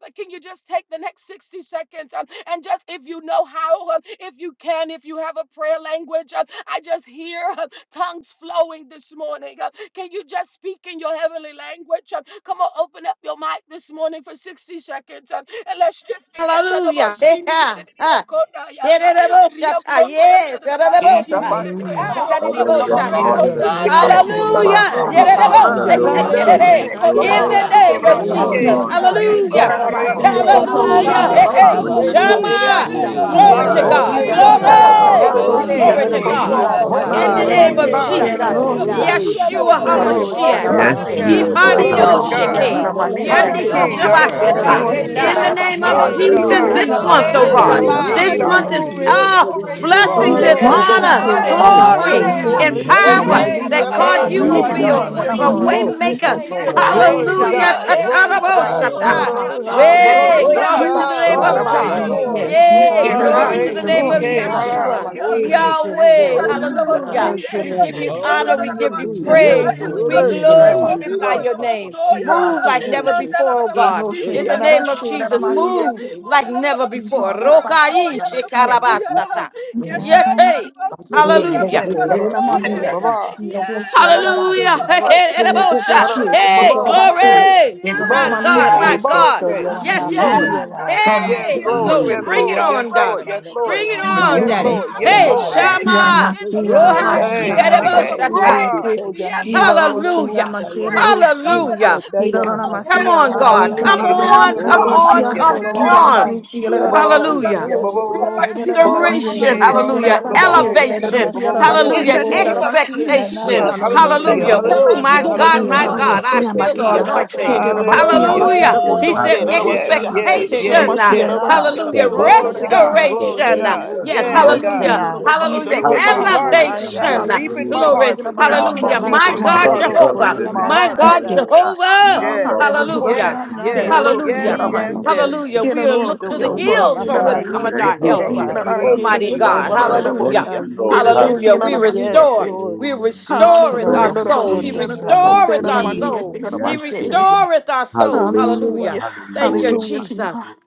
Speaker 1: but can you just take the next 60 seconds um, and just, if you know how, uh, if you can, if you have a prayer language, uh, I just hear uh, tongues flowing this morning. uh, Can you just speak in your heavenly language? uh, Come on, open up your mic this morning for 60 seconds uh, and let's just begin to the
Speaker 10: Hallelujah.
Speaker 1: most shindi and
Speaker 10: Yeah. Ah. Shedadabosata. Yes.
Speaker 2: Yes, I
Speaker 10: Shedadabosa.
Speaker 2: thought so. And I'm
Speaker 3: Hallelujah.
Speaker 10: Ah,
Speaker 2: not
Speaker 6: Abba,
Speaker 1: uh,
Speaker 2: scared, and I'm
Speaker 6: Abba,
Speaker 2: not
Speaker 9: Thank
Speaker 10: dadadibosaka.
Speaker 9: you.
Speaker 2: scared.
Speaker 3: Hallelujah.
Speaker 5: Yeah,
Speaker 1: rekonda
Speaker 6: Father,
Speaker 5: she
Speaker 1: and the
Speaker 6: Abba,
Speaker 3: Glory
Speaker 5: can.
Speaker 3: to
Speaker 6: Abba,
Speaker 5: You
Speaker 3: your
Speaker 5: thought
Speaker 6: Abba, Abba,
Speaker 5: I
Speaker 3: name,
Speaker 10: Hallelujah.
Speaker 5: should be.
Speaker 1: sondo
Speaker 6: Abba,
Speaker 3: Father.
Speaker 1: le-
Speaker 2: I'm
Speaker 6: Abba,
Speaker 2: not
Speaker 8: God.
Speaker 5: Come
Speaker 2: scared,
Speaker 5: on.
Speaker 10: Yedadabosa.
Speaker 2: and I'm
Speaker 5: Give
Speaker 2: not
Speaker 1: uh,
Speaker 5: it
Speaker 6: Hallelujah,
Speaker 9: Yes,
Speaker 8: Atatare
Speaker 2: afraid.
Speaker 5: She
Speaker 3: Hallelujah.
Speaker 10: Kedede.
Speaker 5: can.
Speaker 2: Yeah,
Speaker 8: shikaye
Speaker 9: Lord.
Speaker 2: and
Speaker 10: In
Speaker 9: Yes,
Speaker 10: the
Speaker 5: Baba.
Speaker 1: Rekondaya
Speaker 8: na.
Speaker 6: Hallelujah,
Speaker 5: She
Speaker 6: Abba,
Speaker 5: can,
Speaker 10: name
Speaker 6: Abba,
Speaker 5: bro.
Speaker 10: of
Speaker 2: I'm
Speaker 1: Nedio
Speaker 5: She
Speaker 2: not
Speaker 6: Abba,
Speaker 9: Lord.
Speaker 5: can.
Speaker 9: Yes,
Speaker 3: Hallelujah.
Speaker 10: Jesus.
Speaker 9: Lord. Yes,
Speaker 2: scared.
Speaker 9: Lord.
Speaker 6: Father,
Speaker 8: Hallelujah.
Speaker 1: Soda
Speaker 9: thank
Speaker 3: Yes,
Speaker 6: Abba,
Speaker 8: Thank
Speaker 2: Yeah,
Speaker 10: Hallelujah.
Speaker 8: you,
Speaker 2: and
Speaker 3: Lord.
Speaker 6: Abba,
Speaker 2: I'm
Speaker 8: Lord
Speaker 2: not
Speaker 1: Ishaya.
Speaker 5: Sorry.
Speaker 9: You
Speaker 8: God.
Speaker 3: Shatarama.
Speaker 2: scared.
Speaker 5: She
Speaker 9: know,
Speaker 2: Go,
Speaker 6: Abba,
Speaker 5: can.
Speaker 2: go,
Speaker 5: She can.
Speaker 1: Odaya
Speaker 2: shout
Speaker 10: Hallelujah.
Speaker 2: out,
Speaker 1: la
Speaker 8: Hallelujah.
Speaker 9: Colorado,
Speaker 10: Hey,
Speaker 2: I'm
Speaker 1: la
Speaker 9: you
Speaker 2: not
Speaker 8: Have
Speaker 10: hey.
Speaker 5: Baba.
Speaker 1: la
Speaker 8: your
Speaker 3: Ataru.
Speaker 9: take
Speaker 1: la
Speaker 2: scared,
Speaker 5: She
Speaker 8: way,
Speaker 2: and I'm
Speaker 8: God.
Speaker 2: not
Speaker 9: it
Speaker 8: It
Speaker 9: is
Speaker 1: Siki
Speaker 9: the
Speaker 1: and
Speaker 2: scared.
Speaker 8: is
Speaker 10: Shama.
Speaker 9: team,
Speaker 1: Daya la
Speaker 9: you
Speaker 5: can.
Speaker 1: la
Speaker 8: Shama.
Speaker 11: Hey,
Speaker 2: Yeah,
Speaker 10: Glory
Speaker 2: and
Speaker 1: la
Speaker 10: to
Speaker 2: I'm
Speaker 9: Colorado,
Speaker 3: Hallelujah.
Speaker 5: My.
Speaker 2: not
Speaker 5: He.
Speaker 10: God.
Speaker 8: Holy
Speaker 11: glory,
Speaker 2: scared.
Speaker 5: She
Speaker 8: God,
Speaker 5: can.
Speaker 9: Colorado,
Speaker 3: Yes,
Speaker 9: you
Speaker 8: yes,
Speaker 2: I
Speaker 3: Lord.
Speaker 9: take
Speaker 2: go,
Speaker 10: Glory.
Speaker 2: go,
Speaker 5: Ro.
Speaker 1: la
Speaker 2: go,
Speaker 5: She
Speaker 1: la la
Speaker 2: see,
Speaker 5: can.
Speaker 8: Shatamare.
Speaker 2: and
Speaker 10: Glory
Speaker 2: I'm not
Speaker 9: it
Speaker 10: to
Speaker 9: is
Speaker 3: Glory.
Speaker 8: You
Speaker 2: scared,
Speaker 10: God
Speaker 8: are
Speaker 2: and
Speaker 1: and
Speaker 2: I'm
Speaker 9: Jesus, I
Speaker 2: not
Speaker 1: Daya
Speaker 3: Glory
Speaker 10: in
Speaker 3: to
Speaker 1: la
Speaker 8: holy,
Speaker 2: scared.
Speaker 5: My.
Speaker 10: the
Speaker 3: your
Speaker 5: Ro.
Speaker 9: know,
Speaker 5: She
Speaker 3: name.
Speaker 8: God.
Speaker 10: name
Speaker 5: can.
Speaker 10: of
Speaker 6: Hallelujah,
Speaker 8: Yes,
Speaker 5: Ba.
Speaker 9: Colorado,
Speaker 2: Yeah,
Speaker 5: She
Speaker 2: and
Speaker 9: you
Speaker 2: I'm
Speaker 5: can.
Speaker 10: Jesus.
Speaker 9: take
Speaker 2: not scared.
Speaker 6: Hallelujah,
Speaker 8: Shakagina.
Speaker 3: Hallelujah.
Speaker 9: it is the
Speaker 8: You
Speaker 1: ba
Speaker 8: are
Speaker 1: ba
Speaker 10: Yeshua
Speaker 1: ba
Speaker 9: team.
Speaker 1: ba
Speaker 5: No.
Speaker 1: ba
Speaker 8: worthy
Speaker 6: Hallelujah.
Speaker 8: of
Speaker 5: Ro. She
Speaker 8: all
Speaker 5: can.
Speaker 8: the
Speaker 1: Shoto
Speaker 9: Oh,
Speaker 10: HaMashiach.
Speaker 1: ya
Speaker 5: Ra.
Speaker 6: Yes,
Speaker 1: la
Speaker 5: She
Speaker 3: Yes,
Speaker 1: la la
Speaker 2: Barabase,
Speaker 9: no,
Speaker 8: praise,
Speaker 3: Lord.
Speaker 5: can.
Speaker 8: of
Speaker 5: Well,
Speaker 1: Bande
Speaker 9: no,
Speaker 8: all the
Speaker 5: Glory
Speaker 6: Abba,
Speaker 9: it's
Speaker 1: Nedio
Speaker 5: to
Speaker 3: Glory to
Speaker 9: me,
Speaker 6: Abba,
Speaker 3: your
Speaker 8: honor,
Speaker 9: the
Speaker 5: God.
Speaker 2: Beberosia,
Speaker 6: Abba,
Speaker 3: name.
Speaker 9: key
Speaker 10: Yipadidoshiki.
Speaker 8: God.
Speaker 9: Colorado,
Speaker 6: Father,
Speaker 5: He.
Speaker 6: Abba,
Speaker 2: Lalabania,
Speaker 1: Ora
Speaker 5: She
Speaker 2: say,
Speaker 1: man
Speaker 6: Abba,
Speaker 9: Colorado,
Speaker 5: can.
Speaker 8: Hallelujah.
Speaker 5: Ro.
Speaker 6: Abba,
Speaker 5: She
Speaker 1: Soko
Speaker 6: Hallelujah, Hallelujah, Hallelujah. Yes,
Speaker 9: Colorado,
Speaker 1: ya
Speaker 6: Jesus, Abba, Abba, Abba, Father, Abba, Abba,
Speaker 1: la
Speaker 10: Yandikohirabashita.
Speaker 9: you
Speaker 5: can.
Speaker 6: Abba,
Speaker 1: la
Speaker 3: Hallelujah,
Speaker 1: la
Speaker 2: Beberosia,
Speaker 10: In
Speaker 9: take
Speaker 10: the
Speaker 8: Shikayena.
Speaker 9: it.
Speaker 10: name
Speaker 3: Jesus.
Speaker 10: of
Speaker 1: Yeshia.
Speaker 5: My.
Speaker 8: Hey,
Speaker 2: Lalabasi,
Speaker 5: She can.
Speaker 9: Thank
Speaker 10: Jesus,
Speaker 9: you,
Speaker 8: God.
Speaker 10: this
Speaker 2: Bebe,
Speaker 6: Hallelujah,
Speaker 1: Yora
Speaker 3: In
Speaker 8: Atamare
Speaker 9: Jesus,
Speaker 1: la
Speaker 3: the
Speaker 10: month, oh
Speaker 1: la
Speaker 3: name of
Speaker 9: only,
Speaker 10: God,
Speaker 5: Ro.
Speaker 6: Hallelujah,
Speaker 11: hallelujah!
Speaker 5: She
Speaker 9: it
Speaker 1: Siki
Speaker 8: Ashama.
Speaker 3: Jesus.
Speaker 5: can.
Speaker 1: and
Speaker 10: this
Speaker 9: could
Speaker 6: Hallelujah,
Speaker 9: be
Speaker 10: month
Speaker 1: Daya
Speaker 5: Ra.
Speaker 3: Glory
Speaker 5: She
Speaker 3: to
Speaker 10: is
Speaker 9: this,
Speaker 6: Hallelujah.
Speaker 3: your
Speaker 2: Lalabasi,
Speaker 8: Glory,
Speaker 5: can.
Speaker 9: it
Speaker 3: name.
Speaker 2: yes,
Speaker 10: all
Speaker 9: could be
Speaker 8: glory,
Speaker 9: to
Speaker 3: Hallelujah.
Speaker 9: the
Speaker 3: We
Speaker 9: rock,
Speaker 10: blessings
Speaker 8: glory.
Speaker 10: and
Speaker 3: lift
Speaker 9: that's
Speaker 2: yes,
Speaker 8: Hey,
Speaker 5: Ro.
Speaker 3: you.
Speaker 2: we
Speaker 9: all.
Speaker 5: She
Speaker 2: go,
Speaker 5: can.
Speaker 10: honor,
Speaker 2: say,
Speaker 8: God.
Speaker 5: Ra.
Speaker 8: Hey,
Speaker 3: You
Speaker 9: Oh,
Speaker 1: Yes,
Speaker 3: lift your
Speaker 10: glory
Speaker 1: God.
Speaker 3: name
Speaker 2: Lalabasi,
Speaker 8: Shamare
Speaker 3: up
Speaker 10: and
Speaker 9: hallelujah,
Speaker 3: this
Speaker 10: power.
Speaker 9: hallelujah,
Speaker 5: Erishiki,
Speaker 3: morning.
Speaker 1: Hey, ya
Speaker 8: Asitaye.
Speaker 1: ba
Speaker 2: Manu,
Speaker 10: That
Speaker 1: ba ba
Speaker 2: yes,
Speaker 1: ba
Speaker 10: God,
Speaker 8: Hey,
Speaker 2: and
Speaker 10: you
Speaker 9: Yee,
Speaker 3: Glory
Speaker 10: will
Speaker 5: yakarashiki,
Speaker 3: to
Speaker 8: God.
Speaker 1: Surya
Speaker 3: your
Speaker 10: be
Speaker 1: la
Speaker 10: a,
Speaker 9: tee,
Speaker 1: la
Speaker 2: Lalabasi,
Speaker 8: Thank
Speaker 1: la
Speaker 3: name,
Speaker 9: tee,
Speaker 10: wa-
Speaker 8: you,
Speaker 9: tee,
Speaker 10: a
Speaker 3: Lord.
Speaker 5: yarashiki.
Speaker 9: lee,
Speaker 8: Lord.
Speaker 10: way
Speaker 1: Sunday.
Speaker 9: boss, so
Speaker 2: Lalabasi,
Speaker 9: ta,
Speaker 10: maker.
Speaker 9: ka,
Speaker 8: Thank you,
Speaker 9: la,
Speaker 1: Lendo
Speaker 8: Lord.
Speaker 9: boss,
Speaker 5: Glory
Speaker 9: so
Speaker 3: Hallelujah.
Speaker 5: to
Speaker 9: ta,
Speaker 10: Hallelujah.
Speaker 1: sikia
Speaker 5: God,
Speaker 2: Bangladeshi,
Speaker 1: ya na na
Speaker 8: Eshamanesi
Speaker 5: glory
Speaker 1: na
Speaker 9: ka,
Speaker 5: to
Speaker 9: la,
Speaker 1: na
Speaker 9: ka,
Speaker 5: God.
Speaker 9: la,
Speaker 3: Yes,
Speaker 2: we
Speaker 9: boss,
Speaker 1: basota
Speaker 8: tayena.
Speaker 3: Lord.
Speaker 9: so
Speaker 10: Tataraboshata.
Speaker 2: have
Speaker 1: ya
Speaker 5: Hara,
Speaker 9: ta.
Speaker 5: hara,
Speaker 2: Saba, say,
Speaker 10: Yay,
Speaker 1: rekapa
Speaker 9: Hey,
Speaker 1: ya
Speaker 5: baroshiki,
Speaker 8: Hallelujah.
Speaker 10: glory
Speaker 1: na na
Speaker 9: tee,
Speaker 10: to the
Speaker 5: ah,
Speaker 2: Lalabasi,
Speaker 10: name
Speaker 9: ta,
Speaker 10: of
Speaker 1: basia
Speaker 3: Yes,
Speaker 9: ka,
Speaker 8: Glory,
Speaker 10: John.
Speaker 9: la,
Speaker 1: ya
Speaker 3: Lord.
Speaker 1: na
Speaker 2: Lalabani,
Speaker 9: la,
Speaker 5: barashiki.
Speaker 1: na
Speaker 9: boss,
Speaker 2: yes,
Speaker 8: glory,
Speaker 9: so ta,
Speaker 10: Yay,
Speaker 9: ka,
Speaker 8: glory,
Speaker 2: get
Speaker 9: la,
Speaker 2: an
Speaker 5: Ah,
Speaker 1: basikia
Speaker 9: la,
Speaker 10: glory
Speaker 2: ass,
Speaker 9: la,
Speaker 10: to
Speaker 8: God.
Speaker 10: the
Speaker 9: so
Speaker 2: the
Speaker 10: name
Speaker 8: Thank
Speaker 2: Lord,
Speaker 10: of
Speaker 9: ta.
Speaker 8: you,
Speaker 2: say,
Speaker 5: barashiki,
Speaker 3: Hallelujah,
Speaker 8: Lord.
Speaker 10: Yeshua,
Speaker 1: Hallelujah.
Speaker 3: Jesus.
Speaker 9: Oh,
Speaker 5: harashiki.
Speaker 2: Lalabasi,
Speaker 9: tee,
Speaker 8: Thank you,
Speaker 9: tee.
Speaker 10: Yahweh.
Speaker 1: Rekota da
Speaker 8: Lord.
Speaker 1: da
Speaker 2: Lord,
Speaker 1: da
Speaker 2: is
Speaker 1: ba
Speaker 9: Hallelujah,
Speaker 10: Hallelujah.
Speaker 9: King.
Speaker 8: Thank
Speaker 1: sirie.
Speaker 8: you,
Speaker 10: We
Speaker 2: Lalabasi,
Speaker 10: give you
Speaker 8: Lord.
Speaker 1: Manda
Speaker 10: honor.
Speaker 1: da
Speaker 10: We
Speaker 1: da da
Speaker 9: Hallelujah,
Speaker 1: ba
Speaker 10: give you
Speaker 8: Thank
Speaker 9: King.
Speaker 8: you,
Speaker 9: Yo,
Speaker 8: Lord.
Speaker 10: praise.
Speaker 1: sikaya.
Speaker 9: tee, lee,
Speaker 10: We
Speaker 9: lee,
Speaker 2: Lalabasi,
Speaker 9: so ta,
Speaker 8: Hallelujah.
Speaker 9: lee,
Speaker 1: Rekota
Speaker 9: lee,
Speaker 1: da
Speaker 10: glorify
Speaker 1: da
Speaker 2: Lalabasi,
Speaker 1: da
Speaker 9: boss,
Speaker 10: your
Speaker 1: da
Speaker 9: so
Speaker 1: ba
Speaker 9: ta,
Speaker 10: name.
Speaker 9: ka.
Speaker 1: soya.
Speaker 10: Move like never
Speaker 2: Yahusha,
Speaker 1: Anda
Speaker 9: Hallelujah.
Speaker 1: la da
Speaker 10: before, oh
Speaker 1: da ba
Speaker 10: God.
Speaker 2: Yehoshe,
Speaker 10: In
Speaker 9: Yes,
Speaker 10: the
Speaker 1: sikia da
Speaker 9: Lord.
Speaker 1: da da
Speaker 10: name of
Speaker 2: Ladabashe,
Speaker 1: ba
Speaker 10: Jesus,
Speaker 1: siya.
Speaker 10: move
Speaker 2: Ladamaniese,
Speaker 10: like
Speaker 1: Ola la la
Speaker 10: never
Speaker 1: ba
Speaker 10: before.
Speaker 2: Yeha,
Speaker 1: shikira ba
Speaker 2: Ladabashe,
Speaker 10: Rokai
Speaker 1: oya la la ba
Speaker 2: Ladamasie.
Speaker 9: thank
Speaker 1: siya.
Speaker 9: you,
Speaker 10: shekarabashata.
Speaker 9: King.
Speaker 1: Ketaya la
Speaker 10: Yete.
Speaker 1: la ba
Speaker 2: Lamsie,
Speaker 1: sukura ba
Speaker 10: Hallelujah.
Speaker 2: Lebo,
Speaker 1: da
Speaker 5: Barashiki,
Speaker 1: la la ba
Speaker 9: Thank
Speaker 5: barashiki,
Speaker 9: you,
Speaker 2: Ladamania,
Speaker 1: yeya.
Speaker 9: King.
Speaker 5: baba.
Speaker 2: Yehoshe,
Speaker 1: Yes,
Speaker 5: Barashiki,
Speaker 2: Ladabani,
Speaker 10: Hallelujah.
Speaker 1: Lord.
Speaker 5: barashiki,
Speaker 2: Yehoshe,
Speaker 5: harash-
Speaker 1: Yes,
Speaker 10: Hey,
Speaker 1: Lord.
Speaker 5: baboshiki,
Speaker 10: glory.
Speaker 9: Thank you,
Speaker 2: Yehoshe,
Speaker 10: My
Speaker 9: King.
Speaker 10: God,
Speaker 5: baboshiki,
Speaker 2: Yehoshe,
Speaker 4: Aha,
Speaker 10: my God.
Speaker 4: soto
Speaker 5: baboshiki.
Speaker 1: Yes.
Speaker 4: yala
Speaker 10: Yes,
Speaker 1: Yes,
Speaker 2: Hallelujah.
Speaker 10: Lord.
Speaker 9: Hallelujah.
Speaker 1: I
Speaker 4: makiela,
Speaker 1: said,
Speaker 2: God,
Speaker 5: Yes,
Speaker 10: Hey,
Speaker 1: Messiah,
Speaker 5: Lord,
Speaker 10: glory.
Speaker 9: Hallelujah.
Speaker 5: yes,
Speaker 1: I
Speaker 10: Bring it
Speaker 1: feel
Speaker 5: Lord,
Speaker 1: a
Speaker 5: yes,
Speaker 10: on,
Speaker 4: teteya,
Speaker 1: break
Speaker 5: Lord,
Speaker 10: daughter,
Speaker 5: yes,
Speaker 4: maloko
Speaker 10: Bring
Speaker 5: Lord.
Speaker 1: in the
Speaker 10: it
Speaker 4: yala
Speaker 1: room.
Speaker 10: on,
Speaker 5: Yes,
Speaker 2: hallelujah.
Speaker 10: Daddy.
Speaker 4: masi,
Speaker 5: Lord,
Speaker 1: I
Speaker 5: yes,
Speaker 9: Um,
Speaker 1: feel a
Speaker 10: Hey,
Speaker 5: Lord.
Speaker 9: Yes,
Speaker 4: kenaya,
Speaker 1: break
Speaker 9: yes,
Speaker 10: Shama.
Speaker 1: in
Speaker 9: yes,
Speaker 1: the
Speaker 2: Yamasiya
Speaker 9: King.
Speaker 4: no
Speaker 10: Roha.
Speaker 1: spirit.
Speaker 4: yala
Speaker 2: Hasha
Speaker 9: yes,
Speaker 5: Hey,
Speaker 1: I
Speaker 9: King.
Speaker 1: feel
Speaker 4: mati,
Speaker 1: a
Speaker 5: shiki,
Speaker 10: Chikarabosata.
Speaker 2: Rabasiya
Speaker 1: break.
Speaker 4: siki,
Speaker 5: baba.
Speaker 4: to
Speaker 1: Yeah,
Speaker 4: yala
Speaker 9: yes,
Speaker 2: Kilo
Speaker 4: mako
Speaker 1: Tomanso,
Speaker 4: yala
Speaker 2: Losia
Speaker 10: Hallelujah.
Speaker 4: saya,
Speaker 9: yes.
Speaker 1: break
Speaker 2: Mashiro
Speaker 1: it, God.
Speaker 9: yes.
Speaker 10: Hallelujah.
Speaker 4: soto
Speaker 2: Kilo
Speaker 9: You
Speaker 4: yala
Speaker 9: are so ta.
Speaker 4: mati,
Speaker 10: Come
Speaker 1: Telegram,
Speaker 2: Namasia
Speaker 10: on, God.
Speaker 9: Oh,
Speaker 4: kenaya,
Speaker 2: Kobasha
Speaker 10: Come
Speaker 5: Hallelujah.
Speaker 9: thank
Speaker 1: oh
Speaker 10: on.
Speaker 2: Rabasia
Speaker 9: you
Speaker 10: Come
Speaker 9: for
Speaker 4: oh
Speaker 1: God,
Speaker 10: on.
Speaker 2: Rabosia
Speaker 5: Ba-ba-ba-ba-ba-shee-ya,
Speaker 1: in
Speaker 4: soto
Speaker 10: Come
Speaker 1: the
Speaker 2: Kilo
Speaker 4: yala
Speaker 1: name
Speaker 10: on.
Speaker 5: ba-ba-ba-ba-ba-shee,
Speaker 2: Namanisia
Speaker 1: of
Speaker 4: makia,
Speaker 1: Jesus.
Speaker 9: showing
Speaker 2: Rabasia
Speaker 10: Hallelujah.
Speaker 5: ba-ba-ba-ba-shee-ya,
Speaker 9: me.
Speaker 4: yes
Speaker 5: ba-ba-ba-ba-shee,
Speaker 4: Lord,
Speaker 2: Yana Namasia
Speaker 10: Restoration,
Speaker 9: Kind
Speaker 5: ba-ba-ba-shee,
Speaker 9: of
Speaker 2: Yana
Speaker 10: hallelujah,
Speaker 2: Namashi
Speaker 5: ba-ba-ba-ba-shee-ya,
Speaker 10: elevation,
Speaker 2: Nedosia
Speaker 4: Yikitirobokyanamasi.
Speaker 9: food,
Speaker 2: Rabako
Speaker 1: In
Speaker 4: Yes,
Speaker 10: hallelujah,
Speaker 5: ba-ba-ba-ba-ba-shee.
Speaker 1: the
Speaker 2: Hoshi
Speaker 1: name
Speaker 4: Lord.
Speaker 1: of
Speaker 2: Namasia
Speaker 10: expectation,
Speaker 1: Jesus.
Speaker 5: Yes,
Speaker 4: Anamasi
Speaker 2: Alorosia
Speaker 5: hallelujah,
Speaker 9: too.
Speaker 10: hallelujah. Oh,
Speaker 4: kelololo
Speaker 10: my
Speaker 5: hallelujah,
Speaker 10: God,
Speaker 9: Well,
Speaker 10: my
Speaker 2: Yana
Speaker 4: shoyama.
Speaker 5: hallelujah,
Speaker 9: enough,
Speaker 10: God, I
Speaker 9: but
Speaker 2: Rosia
Speaker 6: Hallelujah,
Speaker 9: you,
Speaker 10: feel the
Speaker 2: Magia
Speaker 10: anointing.
Speaker 2: Hega
Speaker 9: hmm,
Speaker 4: Malakayalolo
Speaker 2: Rabasia
Speaker 5: hallelujah.
Speaker 10: Hallelujah.
Speaker 2: Magira
Speaker 10: He
Speaker 2: Koto
Speaker 10: said
Speaker 2: Sera
Speaker 4: shoyalakayanamasi.
Speaker 5: Yes,
Speaker 2: Rabasia
Speaker 5: yes,
Speaker 2: Hega
Speaker 6: hallelujah.
Speaker 10: expectation.
Speaker 5: yes,
Speaker 10: uh,
Speaker 2: Rabasia
Speaker 4: Ikena
Speaker 5: yes.
Speaker 6: I
Speaker 2: Rabasia
Speaker 10: Hallelujah.
Speaker 6: shall
Speaker 2: Rabasia
Speaker 5: Glory to
Speaker 6: Baba
Speaker 9: maybe
Speaker 5: God,
Speaker 9: it's
Speaker 5: glory
Speaker 4: yosotiyanamasi.
Speaker 5: to
Speaker 2: Rabasia
Speaker 10: Restoration. uh,
Speaker 5: God.
Speaker 9: going.
Speaker 10: Yes.
Speaker 5: Yes,
Speaker 6: Yes,
Speaker 5: God.
Speaker 2: Hallelujah
Speaker 10: Hallelujah.
Speaker 4: Shikena
Speaker 6: Jesus.
Speaker 5: My,
Speaker 10: Hallelujah.
Speaker 5: reaping
Speaker 4: isoto
Speaker 5: my
Speaker 2: Rabasia
Speaker 5: harvest
Speaker 6: Hallelujah,
Speaker 4: yanamaya.
Speaker 5: season,
Speaker 10: Elevation. uh,
Speaker 5: reaping
Speaker 2: Hallelujah,
Speaker 5: my
Speaker 2: Lord.
Speaker 6: hallelujah.
Speaker 10: Glory.
Speaker 2: See that
Speaker 5: harvest,
Speaker 2: I'm
Speaker 4: Miko
Speaker 2: on
Speaker 6: Ah,
Speaker 2: see
Speaker 10: Hallelujah.
Speaker 2: out of those
Speaker 10: My
Speaker 5: reaping
Speaker 6: Baba
Speaker 5: my
Speaker 2: things to
Speaker 4: yanamasi
Speaker 10: God,
Speaker 2: say, God,
Speaker 5: harvest,
Speaker 6: Baba
Speaker 9: And
Speaker 4: yoroko
Speaker 2: about
Speaker 10: Jehovah.
Speaker 9: so
Speaker 5: reaping
Speaker 9: she,
Speaker 2: shit.
Speaker 5: my
Speaker 9: you
Speaker 6: today.
Speaker 10: My
Speaker 5: harvest.
Speaker 10: God,
Speaker 4: yanamasaya.
Speaker 6: Hallelujah.
Speaker 10: Jehovah.
Speaker 6: Ah, Baba
Speaker 5: Yes,
Speaker 4: Ira
Speaker 2: Hallelujah,
Speaker 6: Baba
Speaker 2: Lord.
Speaker 10: Hallelujah.
Speaker 5: yes,
Speaker 2: Say
Speaker 5: yes,
Speaker 2: that all,
Speaker 6: today.
Speaker 2: see
Speaker 5: yes,
Speaker 2: out
Speaker 10: Hallelujah.
Speaker 2: of
Speaker 6: Thank
Speaker 4: koyanamasi.
Speaker 9: and
Speaker 2: my
Speaker 9: so she,
Speaker 5: yes,
Speaker 6: you,
Speaker 2: nigga.
Speaker 5: yes.
Speaker 9: gets
Speaker 10: Hallelujah.
Speaker 6: Jesus.
Speaker 2: Get
Speaker 10: We
Speaker 2: it
Speaker 10: are
Speaker 2: all,
Speaker 10: look
Speaker 4: Iro
Speaker 10: to
Speaker 2: see
Speaker 10: the
Speaker 6: Thank
Speaker 2: out,
Speaker 9: became
Speaker 6: you,
Speaker 2: bro,
Speaker 5: Glory
Speaker 10: hills
Speaker 2: see
Speaker 5: to
Speaker 10: from
Speaker 2: that I'm
Speaker 10: which
Speaker 5: God.
Speaker 6: Jesus.
Speaker 9: you
Speaker 4: koyanamasaya
Speaker 2: in
Speaker 9: can
Speaker 2: here.
Speaker 9: eat
Speaker 10: cometh
Speaker 6: Thank
Speaker 2: Get
Speaker 10: our
Speaker 9: for
Speaker 6: you,
Speaker 2: this
Speaker 10: help.
Speaker 5: Oro
Speaker 2: thing
Speaker 9: another.
Speaker 4: rofiyama.
Speaker 2: that
Speaker 6: Jesus.
Speaker 2: I
Speaker 5: shikiri
Speaker 2: get
Speaker 9: It's
Speaker 2: it
Speaker 10: Almighty
Speaker 5: shikiri
Speaker 2: with
Speaker 10: God.
Speaker 6: Hallelujah.
Speaker 4: Yes,
Speaker 9: going
Speaker 2: shit
Speaker 5: shikibara
Speaker 2: and
Speaker 9: on
Speaker 2: I'm
Speaker 5: shikiri.
Speaker 2: going to
Speaker 4: Lord,
Speaker 6: Thank
Speaker 10: Hallelujah.
Speaker 2: see
Speaker 4: I
Speaker 2: out.
Speaker 6: you, Lord.
Speaker 2: Get it
Speaker 4: yield. I
Speaker 2: all,
Speaker 10: Hallelujah.
Speaker 2: see
Speaker 4: say
Speaker 10: We
Speaker 2: I'm on
Speaker 9: for
Speaker 6: Hallelujah.
Speaker 9: me.
Speaker 2: here,
Speaker 4: yes,
Speaker 10: restore.
Speaker 2: say.
Speaker 4: Lord.
Speaker 10: We
Speaker 6: Hallelujah.
Speaker 9: Oh,
Speaker 4: Eek, da,
Speaker 10: restoreth our
Speaker 2: Hallelujah,
Speaker 6: Thank
Speaker 4: da,
Speaker 2: that
Speaker 6: you,
Speaker 2: about
Speaker 10: soul.
Speaker 4: so,
Speaker 10: He
Speaker 2: shit
Speaker 4: da,
Speaker 2: and I'm
Speaker 4: ya,
Speaker 6: Jesus.
Speaker 4: la,
Speaker 2: going to
Speaker 6: Thank
Speaker 2: say
Speaker 10: restoreth
Speaker 6: you,
Speaker 2: that
Speaker 10: our
Speaker 2: I'm on here,
Speaker 10: soul.
Speaker 6: Jesus.
Speaker 2: sing
Speaker 10: He
Speaker 6: Yes,
Speaker 2: about
Speaker 6: Jesus.
Speaker 2: shit.
Speaker 10: restoreth our soul.
Speaker 2: Hallelujah,
Speaker 6: Hallelujah,
Speaker 10: Hallelujah.
Speaker 2: hallelujah,
Speaker 10: Thank you,
Speaker 6: hallelujah,
Speaker 2: God.
Speaker 10: Jesus.
Speaker 6: hallelujah,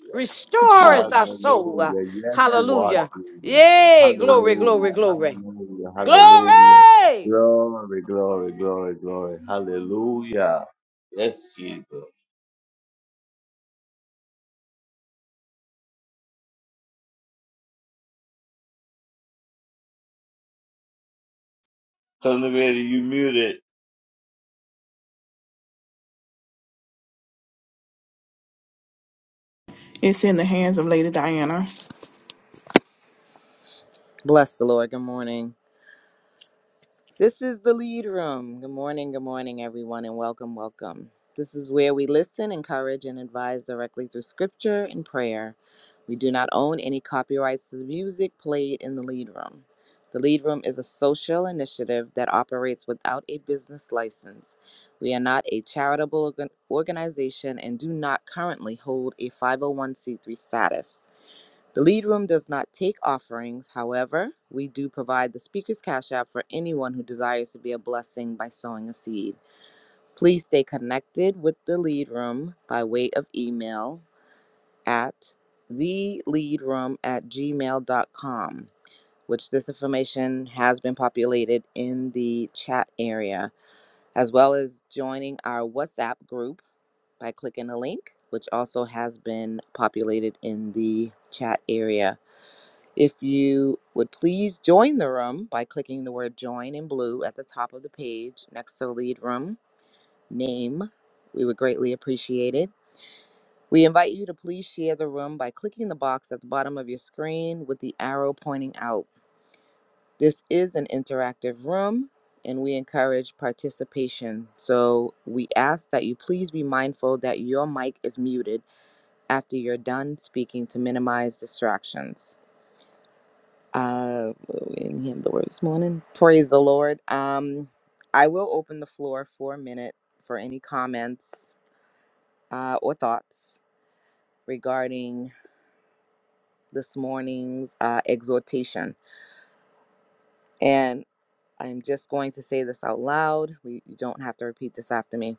Speaker 2: It's Lord.
Speaker 10: Restoreth our soul.
Speaker 6: hallelujah. Yes, you are
Speaker 10: Hallelujah.
Speaker 6: Jesus.
Speaker 10: Yay. Glory, glory,
Speaker 6: Hallelujah,
Speaker 10: glory.
Speaker 6: hallelujah, hallelujah.
Speaker 10: Glory.
Speaker 6: Glory, glory, glory, glory. Hallelujah. Yes, Jesus. Come ready, you muted.
Speaker 2: It's
Speaker 12: Bless the Lord. Good morning. This is the lead room. Good morning. Good morning, everyone, and welcome. Welcome. This is where we listen, encourage, and advise directly through scripture and prayer. We do not own any copyrights to the music played in the lead room. The lead room is a social initiative that operates without a business license. We are not a charitable organ- organization and do not currently hold a 501c3 status. The lead room does not take offerings. However, we do provide the speaker's cash app for anyone who desires to be a blessing by sowing a seed. Please stay connected with the lead room by way of email at theleadroom at gmail.com, which this information has been populated in the chat area, as well as joining our WhatsApp group by clicking the link, which also has been populated in the chat area. If you would please join the room by clicking the word join in blue at the top of the page next to the lead room name, we would greatly appreciate it. We invite you to please share the room by clicking the box at the bottom of your screen with the arrow pointing out. This is an interactive room and we encourage participation. So we ask that you please be mindful that your mic is muted after you're done speaking to minimize distractions. Uh, we didn't hear the word this morning. Praise the Lord. Um, I will open the floor for a minute for any comments uh, or thoughts regarding this morning's uh, exhortation. And I'm just going to say this out loud. We you don't have to repeat this after me.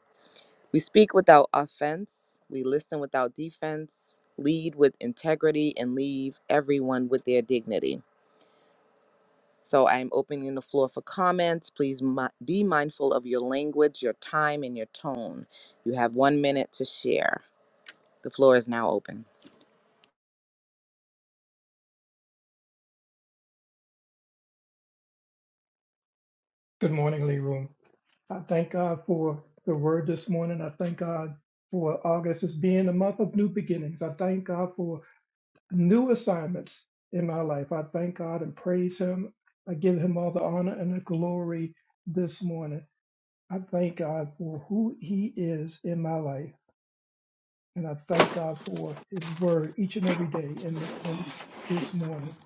Speaker 12: We speak without offense. We listen without defense. Lead with integrity and leave everyone with their dignity. So I am opening the floor for comments. Please mi- be mindful of your language, your time, and your tone. You have one minute to share. The floor is now open.
Speaker 3: Good morning, Lee Room. I thank God for the word this morning. I thank God for August as being the month of new beginnings. I thank God for new assignments in my life. I thank God and praise Him. I give Him all the honor and the glory this morning. I thank God for who He is in my life. And I thank God for his word each and every day. And, and this morning,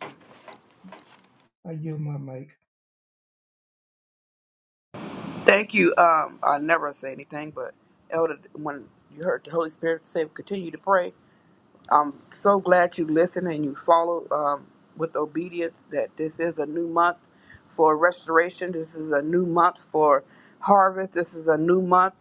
Speaker 3: I yield my mic.
Speaker 5: Thank you. Um, I never say anything, but Elder, when you heard the Holy Spirit say, "Continue to pray," I'm so glad you listened and you followed um, with obedience. That this is a new month for restoration. This is a new month for harvest. This is a new month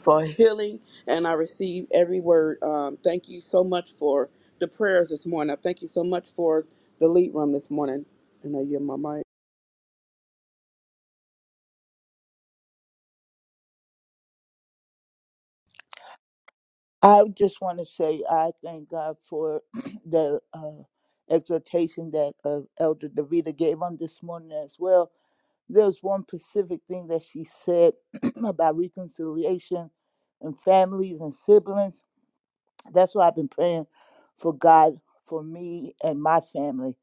Speaker 5: for healing, and I receive every word. Um, thank you so much for the prayers this morning. I thank you so much for the lead room this morning. And I yield my mic.
Speaker 4: I just want to say I thank God for the uh, exhortation that uh, Elder Davida gave on this morning as well. There's one specific thing that she said about reconciliation and families and siblings. That's why I've been praying for God for me and my family,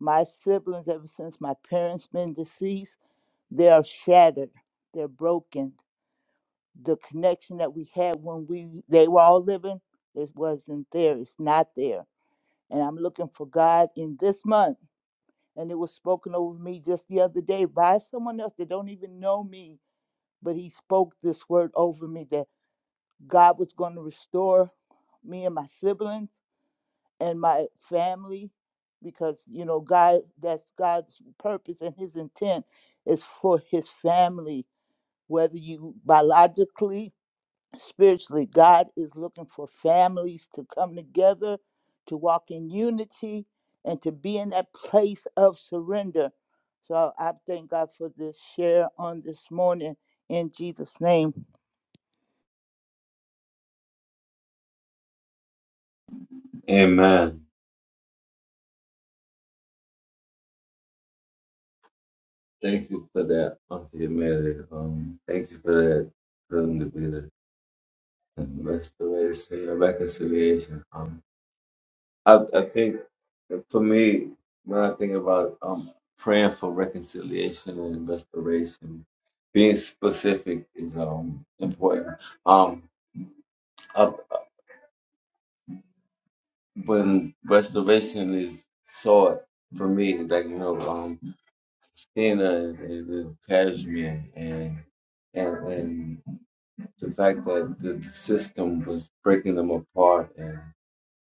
Speaker 4: my siblings ever since my parents been deceased they are shattered they're broken the connection that we had when we they were all living it wasn't there it's not there and i'm looking for god in this month and it was spoken over me just the other day by someone else that don't even know me but he spoke this word over me that god was going to restore me and my siblings and my family because you know god that's god's purpose and his intent is for his family whether you biologically, spiritually, God is looking for families to come together, to walk in unity, and to be in that place of surrender. So I thank God for this share on this morning in Jesus' name.
Speaker 6: Amen. Thank you for that. Okay, Mary. Um, thank you for that. Come to be the restoration and reconciliation. I, I think for me, when I think about um, praying for reconciliation and restoration, being specific is um, important. Um, uh, when restoration is sought for me, like you know, um, Christina and, and Kashmir and and and the fact that the system was breaking them apart and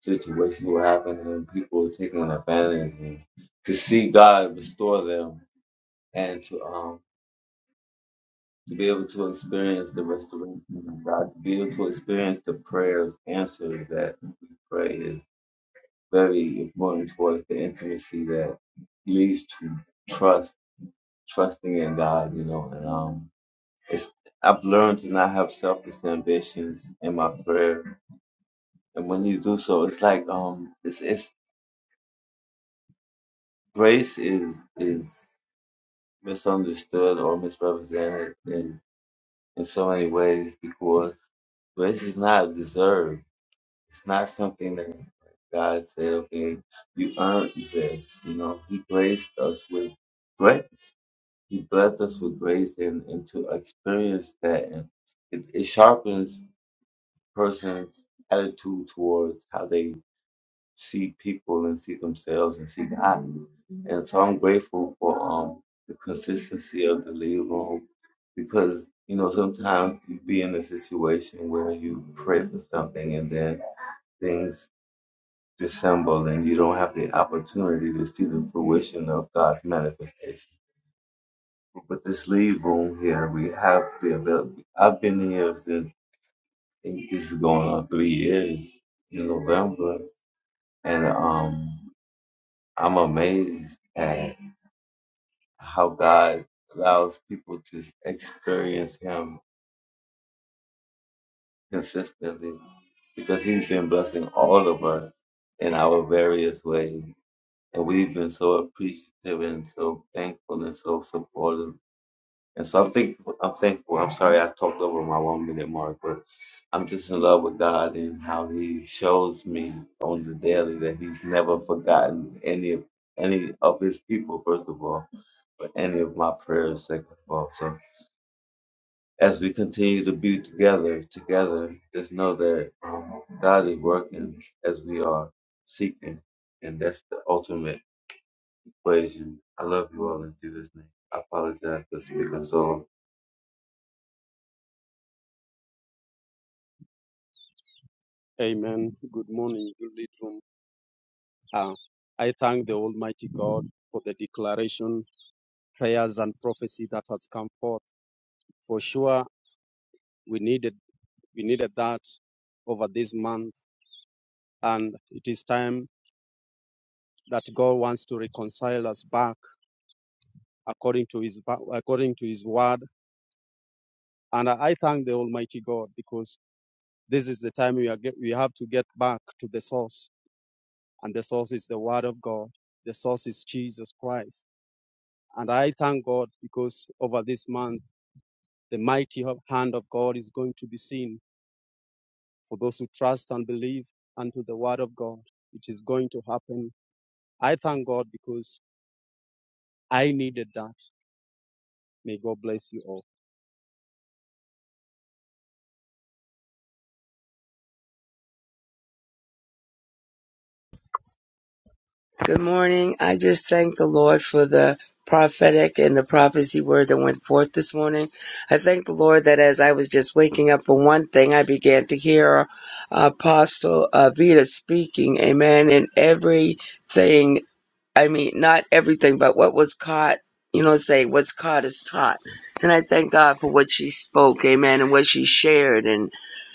Speaker 6: situations will happen and people are taken advantage and to see God restore them and to um to be able to experience the restoration of God, to be able to experience the prayers answered that we pray is very important towards the intimacy that leads to trust, trusting in God, you know, and um it's I've learned to not have selfish ambitions in my prayer. And when you do so, it's like um it's it's grace is is misunderstood or misrepresented in, in so many ways because race is not deserved. It's not something that God said, okay, you earned this. You know, He graced us with grace. He blessed us with grace and, and to experience that. And it, it sharpens person's attitude towards how they see people and see themselves and see God. And so I'm grateful for um the consistency of the lead room because you know sometimes you be in a situation where you pray for something and then things dissemble and you don't have the opportunity to see the fruition of God's manifestation. But this lead room here, we have the ability. I've been here since I think this is going on three years in November, and um I'm amazed at. how God allows people to experience Him consistently because He's been blessing all of us in our various ways. And we've been so appreciative and so thankful and so supportive. And so I'm thankful. I'm thankful. I'm sorry I talked over my one minute mark, but I'm just in love with God and how He shows me on the daily that He's never forgotten any of any of His people, first of all, but any of my prayers, second of all. So As we continue to be together, together, just know that God is working as we are seeking, and that's the ultimate equation. I love you all in Jesus' name. I apologize for speaking so long.
Speaker 9: Amen. Good morning, good room. Uh, I thank the Almighty God for the declaration, prayers, and prophecy that has come forth. For sure, we needed we needed that over this month, and it is time that God wants to reconcile us back according to His according to His word. And I thank the Almighty God because this is the time we are get, we have to get back to the source, and the source is the Word of God. The source is Jesus Christ. And I thank God because over this month, the mighty hand of God is going to be seen for those who trust and believe unto the Word of God. It is going to happen. I thank God because I needed that. May God bless you all.
Speaker 13: Good morning. I just thank the Lord for the prophetic and the prophecy word that went forth this morning. I thank the Lord that as I was just waking up for one thing, I began to hear uh, Apostle uh, Vita speaking, amen, and everything, I mean, not everything, but what was caught, you know, say what's caught is taught. And I thank God for what she spoke, amen, and what she shared. and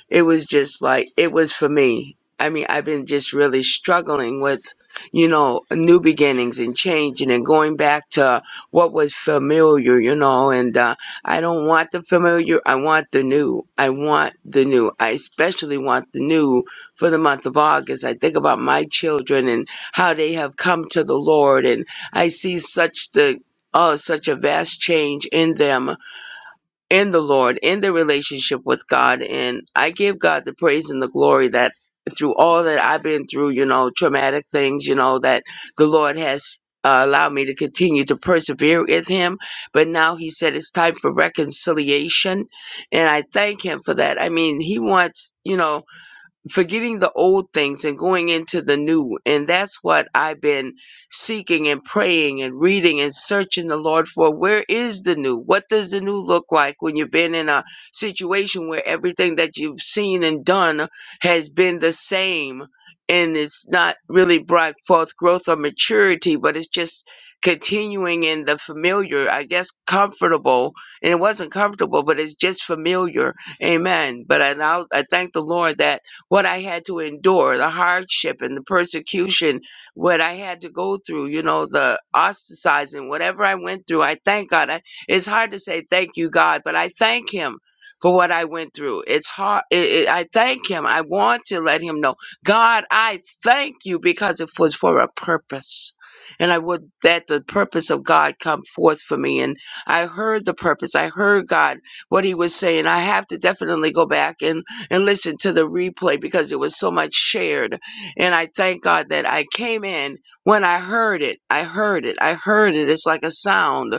Speaker 13: it was just like it was for me. I mean, I've been just really struggling with, you know, new beginnings and changing and going back to what was familiar, you know, and uh, I don't want the familiar. I want the new. I want the new. I especially want the new for the month of August. I think about my children and how they have come to the Lord and I see such the, oh, such a vast change in them in the Lord, in the relationship with God. And I give God the praise and the glory that through all that I've been through, you know, traumatic things, you know, that the Lord has uh, allowed me to continue to persevere with Him. But now He said it's time for reconciliation. And I thank Him for that. I mean, He wants, you know, forgetting the old things and going into the new. And that's what I've been seeking and praying and reading and searching the Lord for. Where is the new? What does the new look like when you've been in a situation where everything that you've seen and done has been the same? And it's not really brought forth growth or maturity, but it's just continuing in the familiar, I guess comfortable. And it wasn't comfortable, but it's just familiar. Amen. But I now I thank the Lord that what I had to endure, the hardship and the persecution, what I had to go through, you know, the ostracizing, whatever I went through. I thank God. I, it's hard to say thank you, God, but I thank Him for what I went through. It's hard. It, it, I thank Him. I want to let Him know, God, I thank you because it was for a purpose. And I would that the purpose of God come forth for me. And I heard the purpose. I heard God, what He was saying. I have to definitely go back and and listen to the replay because it was so much shared. And I thank God that I came in when I heard it. I heard it. I heard it. It's like a sound.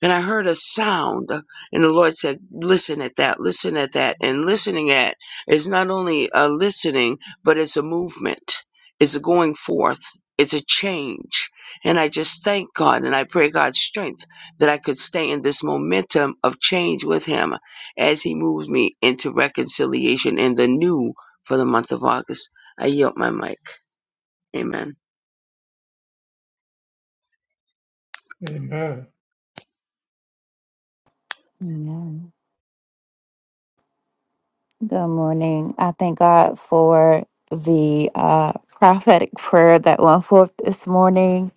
Speaker 13: And I heard a sound, uh, and the Lord said, Listen at that, listen at that. And listening at is not only a listening, but it's a movement, it's a going forth, it's a change. And I just thank God and I pray God's strength that I could stay in this momentum of change with Him as He moves me into reconciliation in the new for the month of August. I yield my mic. Amen.
Speaker 3: Amen.
Speaker 14: Amen. Good morning. I thank God for the uh, prophetic prayer that went forth this morning,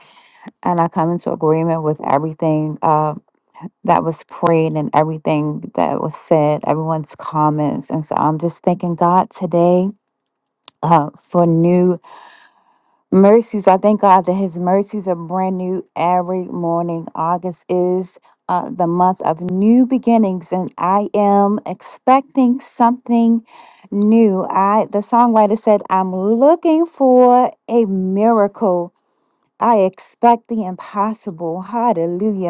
Speaker 14: and I come into agreement with everything uh, that was prayed and everything that was said, everyone's comments. And so I'm just thanking God today uh, for new. Mercies, I thank God that His mercies are brand new every morning. August is uh, the month of new beginnings, and I am expecting something new. I the songwriter said, "I'm looking for a miracle. I expect the impossible." Hallelujah.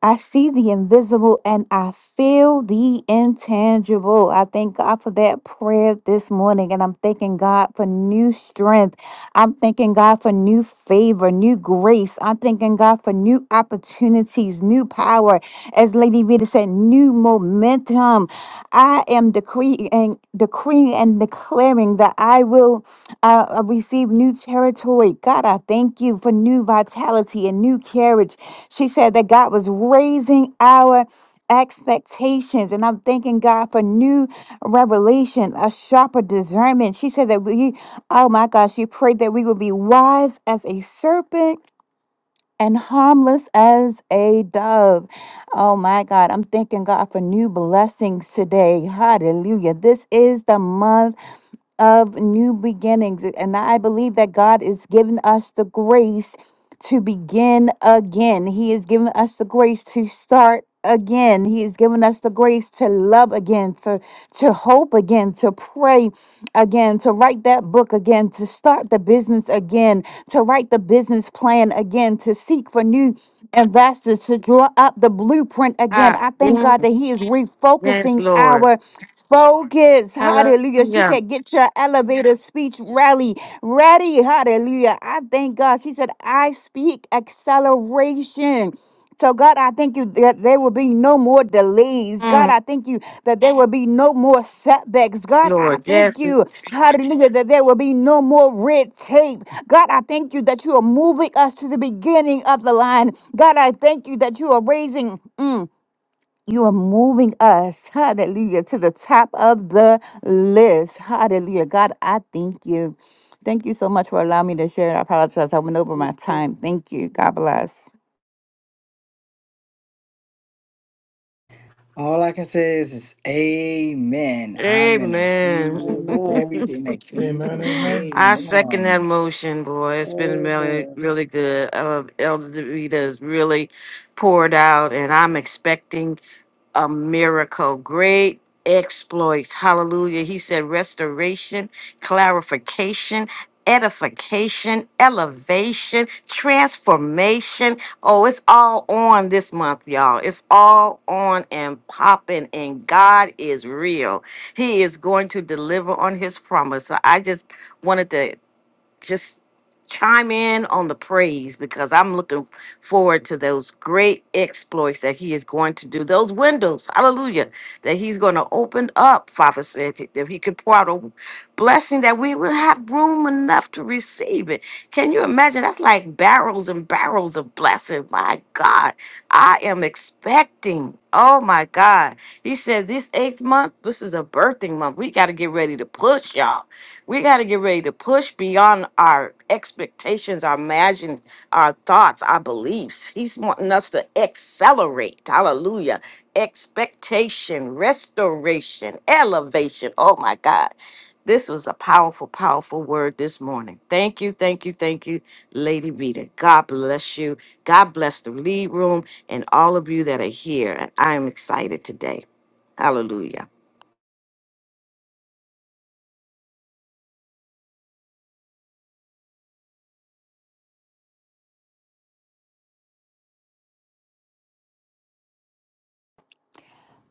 Speaker 14: I see the invisible and I feel the intangible. I thank God for that prayer this morning. And I'm thanking God for new strength. I'm thanking God for new favor, new grace. I'm thanking God for new opportunities, new power. As Lady Vita said, new momentum. I am decreeing and decreeing and declaring that I will uh, uh, receive new territory. God, I thank you for new vitality and new carriage. She said that God was raising our expectations and I'm thanking God for new revelation, a sharper discernment. She said that we oh my gosh, she prayed that we would be wise as a serpent and harmless as a dove. Oh my God, I'm thanking God for new blessings today. Hallelujah. This is the month of new beginnings. And I believe that God is giving us the grace to begin again. He is giving us the grace to start again. He is giving us the grace to love again, to to hope again, to pray again, to write that book again, to start the business again, to write the business plan again, to seek for new investors, to draw up the blueprint again.
Speaker 10: Ah,
Speaker 14: I thank
Speaker 10: yes,
Speaker 14: God that He is
Speaker 10: yes,
Speaker 14: refocusing
Speaker 10: Lord.
Speaker 14: our Focus, hallelujah. She
Speaker 10: Hallelujah.
Speaker 14: said, Get your elevator speech rally ready, hallelujah. I thank God. She said, I speak acceleration. So, God, I thank you that there will be no more delays. God,
Speaker 10: Mm,
Speaker 14: I thank you that there will be no more setbacks.
Speaker 10: Yes,
Speaker 14: God, I
Speaker 10: Lord.
Speaker 14: thank
Speaker 10: Yes,
Speaker 14: you, hallelujah, that there will be no more red tape. God, I thank you that you are moving us to the beginning of the line. God, I thank you that you are raising. mm, you are moving us, hallelujah, to the top of the list. Hallelujah. God, I thank you. Thank you so much for allowing me to share. I apologize. I went over my time. Thank you. God bless.
Speaker 8: All I can say is, is amen. I'm in
Speaker 10: Amen.
Speaker 8: a
Speaker 5: Amen.
Speaker 3: Amen. Amen.
Speaker 10: I second that motion, boy. It's been really,
Speaker 5: Amen.
Speaker 10: really good. Uh, Elder Davita has really poured out, and I'm expecting a miracle, great exploits. Hallelujah. He said restoration, clarification, edification, elevation, transformation. Oh, it's all on this month, y'all. It's all on and popping, and God is real. He is going to deliver on his promise. So I just wanted to just chime in on the praise because I'm looking forward to those great exploits that he is going to do. Those windows, hallelujah, that he's going to open up, Father said, that if he could pour out a blessing that we would have room enough to receive it. Can you imagine? That's like barrels and barrels of blessing. My God, I am expecting. Oh my God. He said this eighth month, this is a birthing month. We got to get ready to push, y'all. We got to get ready to push beyond our expectations, our imagine, our thoughts, our beliefs. He's wanting us to accelerate. Hallelujah. Expectation, restoration, elevation. Oh my God. This was a powerful, powerful word this morning. Thank you, thank you, thank you, Lady Rita. God bless you. God bless the lead room and all of you that are here. And I am excited today. Hallelujah.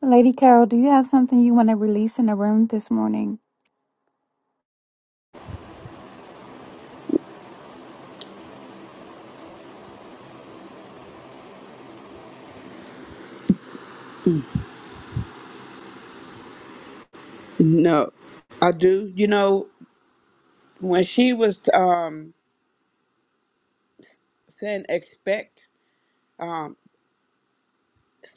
Speaker 14: Lady Carol, do you have something you want to release in the room this morning?
Speaker 5: No, I do. You know, when she was um, saying expect, um,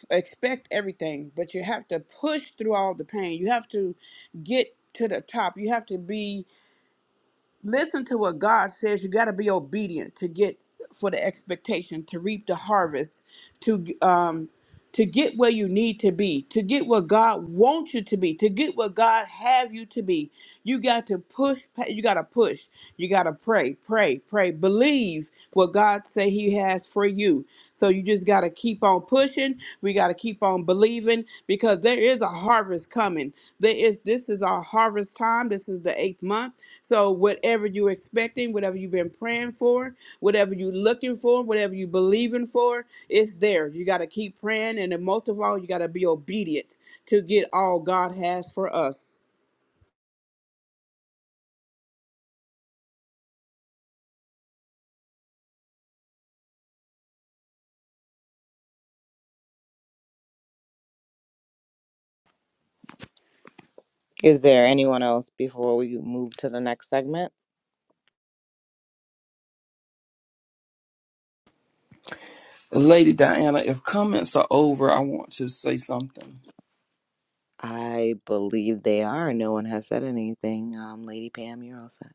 Speaker 5: expect everything, but you have to push through all the pain. You have to get to the top. You have to be. listen to what God says. You got to be obedient to get for the expectation to reap the harvest, to um, to get where you need to be, to get where God wants you to be, to get where God have you to be. You got to push. You got to push. You got to pray, pray, pray. Believe what God say He has for you. So you just got to keep on pushing. We got to keep on believing because there is there's a harvest coming. There is this is our harvest time. This is the eighth month. So whatever you're expecting, whatever you've been praying for, whatever you're looking for, whatever you believing for, it's there. You got to keep praying, and then most of all, you got to be obedient to get all God has for us.
Speaker 12: Is there anyone else before we move to the next segment?
Speaker 15: Lady Diana, if comments are over, I want to say something.
Speaker 12: I believe they are. No one has said anything. Um, Lady Pam, you're all set.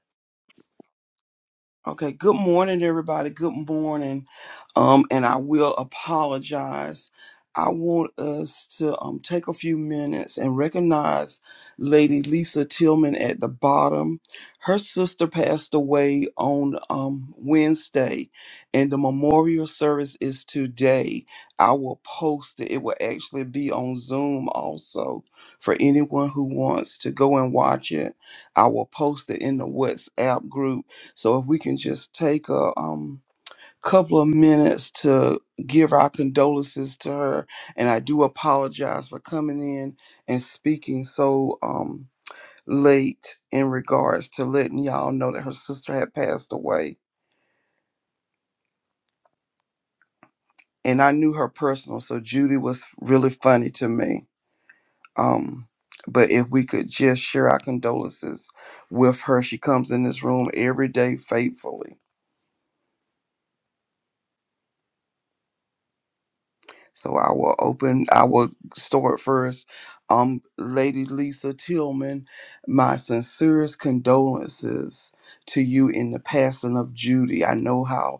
Speaker 15: Okay, good morning, everybody. Good morning. Um, and I will apologize. I want us to um, take a few minutes and recognize Lady Lisa Tillman at the bottom. Her sister passed away on um, Wednesday, and the memorial service is today. I will post it. It will actually be on Zoom also for anyone who wants to go and watch it. I will post it in the WhatsApp group so if we can just take a um, couple of minutes to give our condolences to her, and I do apologize for coming in and speaking so um, late in regards to letting y'all know that her sister had passed away. And I knew her personal, so Judy was really funny to me. Um, but if we could just share our condolences with her, she comes in this room every day faithfully So I will open, I will start first. Um, Lady Lisa Tillman, my sincerest condolences to you in the passing of Judy. I know how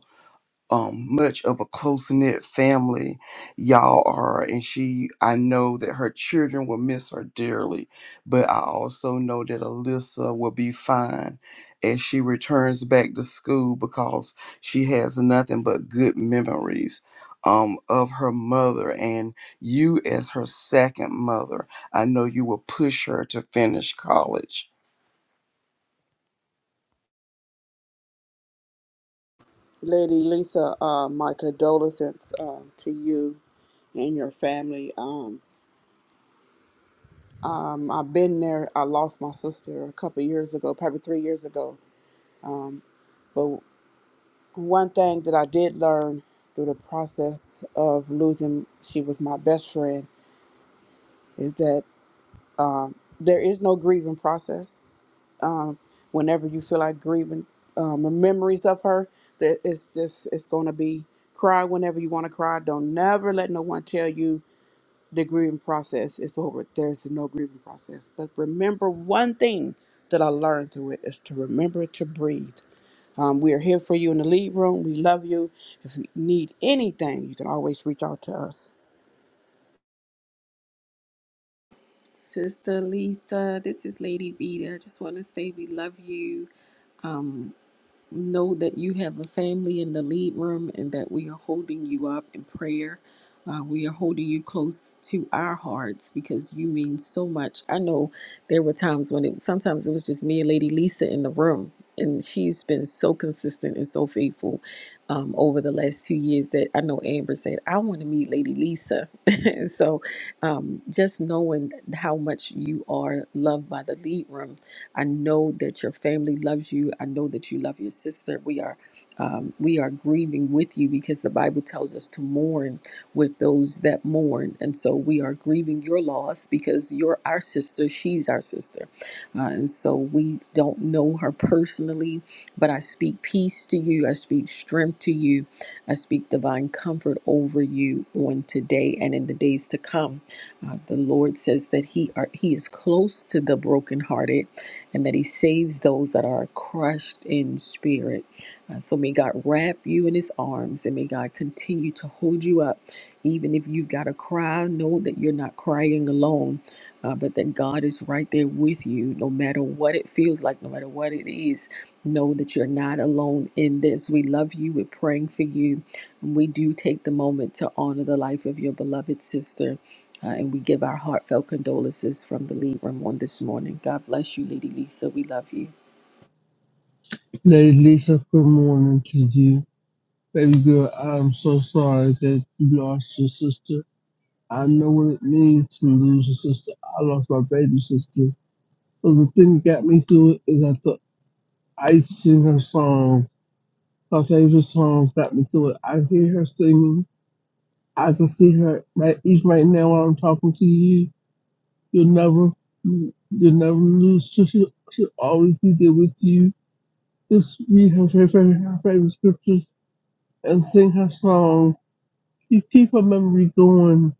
Speaker 15: um, much of a close knit family y'all are. And she, I know that her children will miss her dearly, but I also know that Alyssa will be fine as she returns back to school because she has nothing but good memories. Um, of her mother and you as her second mother, I know you will push her to finish college.
Speaker 5: Lady Lisa, uh, my condolences uh, to you and your family. Um, um, I've been there. I lost my sister a couple years ago, probably three years ago. One thing that I did learn through the process of losing, she was my best friend, is that um, there is no grieving process. Um, whenever you feel like grieving, um, the memories of her, that it's just it's going to be cry whenever you want to cry. Don't never let no one tell you the grieving process is over. There's no grieving process. But remember one thing that I learned through it is to remember to breathe um, we are here for you in the lead room. We love you. If you need anything, you can always reach out to us.
Speaker 1: Sister Lisa, this is Lady Vita. I just want to say we love you. Um. know that you have a family in the lead room and that we are holding you up in prayer. Uh, we are holding you close to our hearts because you mean so much. I know there were times when it sometimes it was just me and Lady Lisa in the room, and she's been so consistent and so faithful um, over the last two years that I know Amber said I want to meet Lady Lisa. and so, um, just knowing how much you are loved by the lead room I know that your family loves you. I know that you love your sister. We are um, we are grieving with you because the Bible tells us to mourn with those that mourn, and so we are grieving your loss because you're our sister. She's our sister, uh, and so we don't know her personally, but I speak peace to you. I speak strength to you. I speak divine comfort over you on today and in the days to come. Uh, the Lord says that He are He is close to the brokenhearted and that He saves those that are crushed in spirit. Uh, so may God wrap you in His arms and may God continue to hold you up. Even if you've got to cry, know that you're not crying alone, uh, but that God is right there with you no matter what it feels like, no matter what it is. Know that you're not alone in this. We love you. We're praying for you. We do take the moment to honor the life of your beloved sister. Uh, and we give our heartfelt condolences from the lead room on this morning. God bless you, Lady Lisa. We love you.
Speaker 16: Lady Lisa, good morning to you. Baby girl, I'm so sorry that you lost your sister. I know what it means to lose your sister. I lost my baby sister. But the thing that got me through it is I thought I used to sing her song. Her favorite song got me through it. I hear her singing. I can see her right even right now while I'm talking to you. You'll never you'll never lose. She- She'll, she'll always be there with you. Just read her favorite her favorite scriptures and sing her songs You keep her memory going.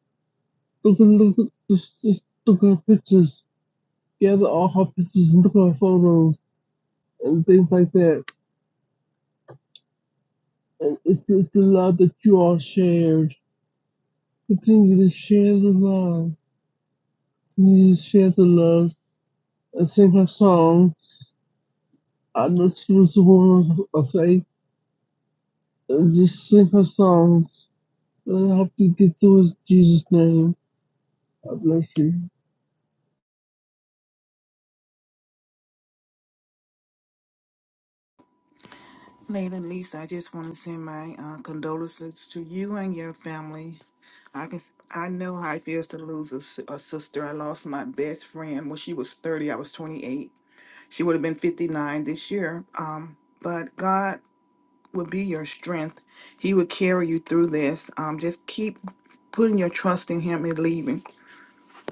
Speaker 16: Look at look at just just look at her pictures. Gather all her pictures and look at her photos and things like that. And it's it's the love that you all shared. Continue to share the love. Continue to share the love and sing her songs. I know she was a woman of faith. And just sing her songs. And I hope you get through it in Jesus' name. God bless you.
Speaker 2: Lady Lisa. I just want to send my uh, condolences to you and your family. I can. s- I know how it feels to lose a, s- a sister. I lost my best friend when she was thirty. I was twenty eight. She would have been fifty nine this year. Um, but God will be your strength. He will carry you through this. Um, just keep putting your trust in Him and leaving.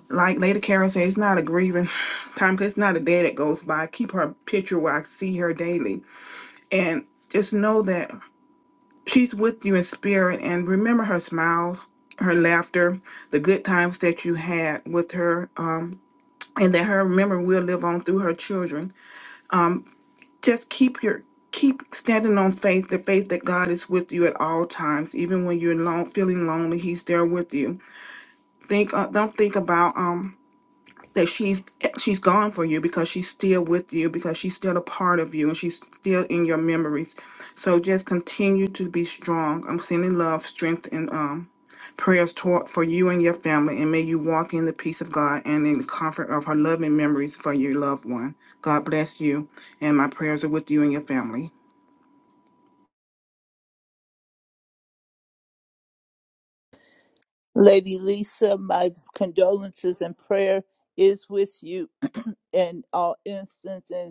Speaker 2: Like Lady Karen said, it's not a grieving time. 'cause It's not a day that goes by. Keep her picture where I see her daily, and just know that. She's with you in spirit and remember her smiles, her laughter, the good times that you had with her, um, and that her memory will live on through her children. Um, just keep your keep standing on faith, the faith that God is with you at all times, even when you're alone, feeling lonely. He's there with you. Think, uh, don't think about um that she's she's gone for you because she's still with you because she's still a part of you and she's still in your memories so just continue to be strong i'm sending love strength and um prayers toward for you and your family and may you walk in the peace of god and in the comfort of her loving memories for your loved one god bless you and my prayers are with you and your family
Speaker 4: Lady Lisa, my condolences and prayer is with you in all instances and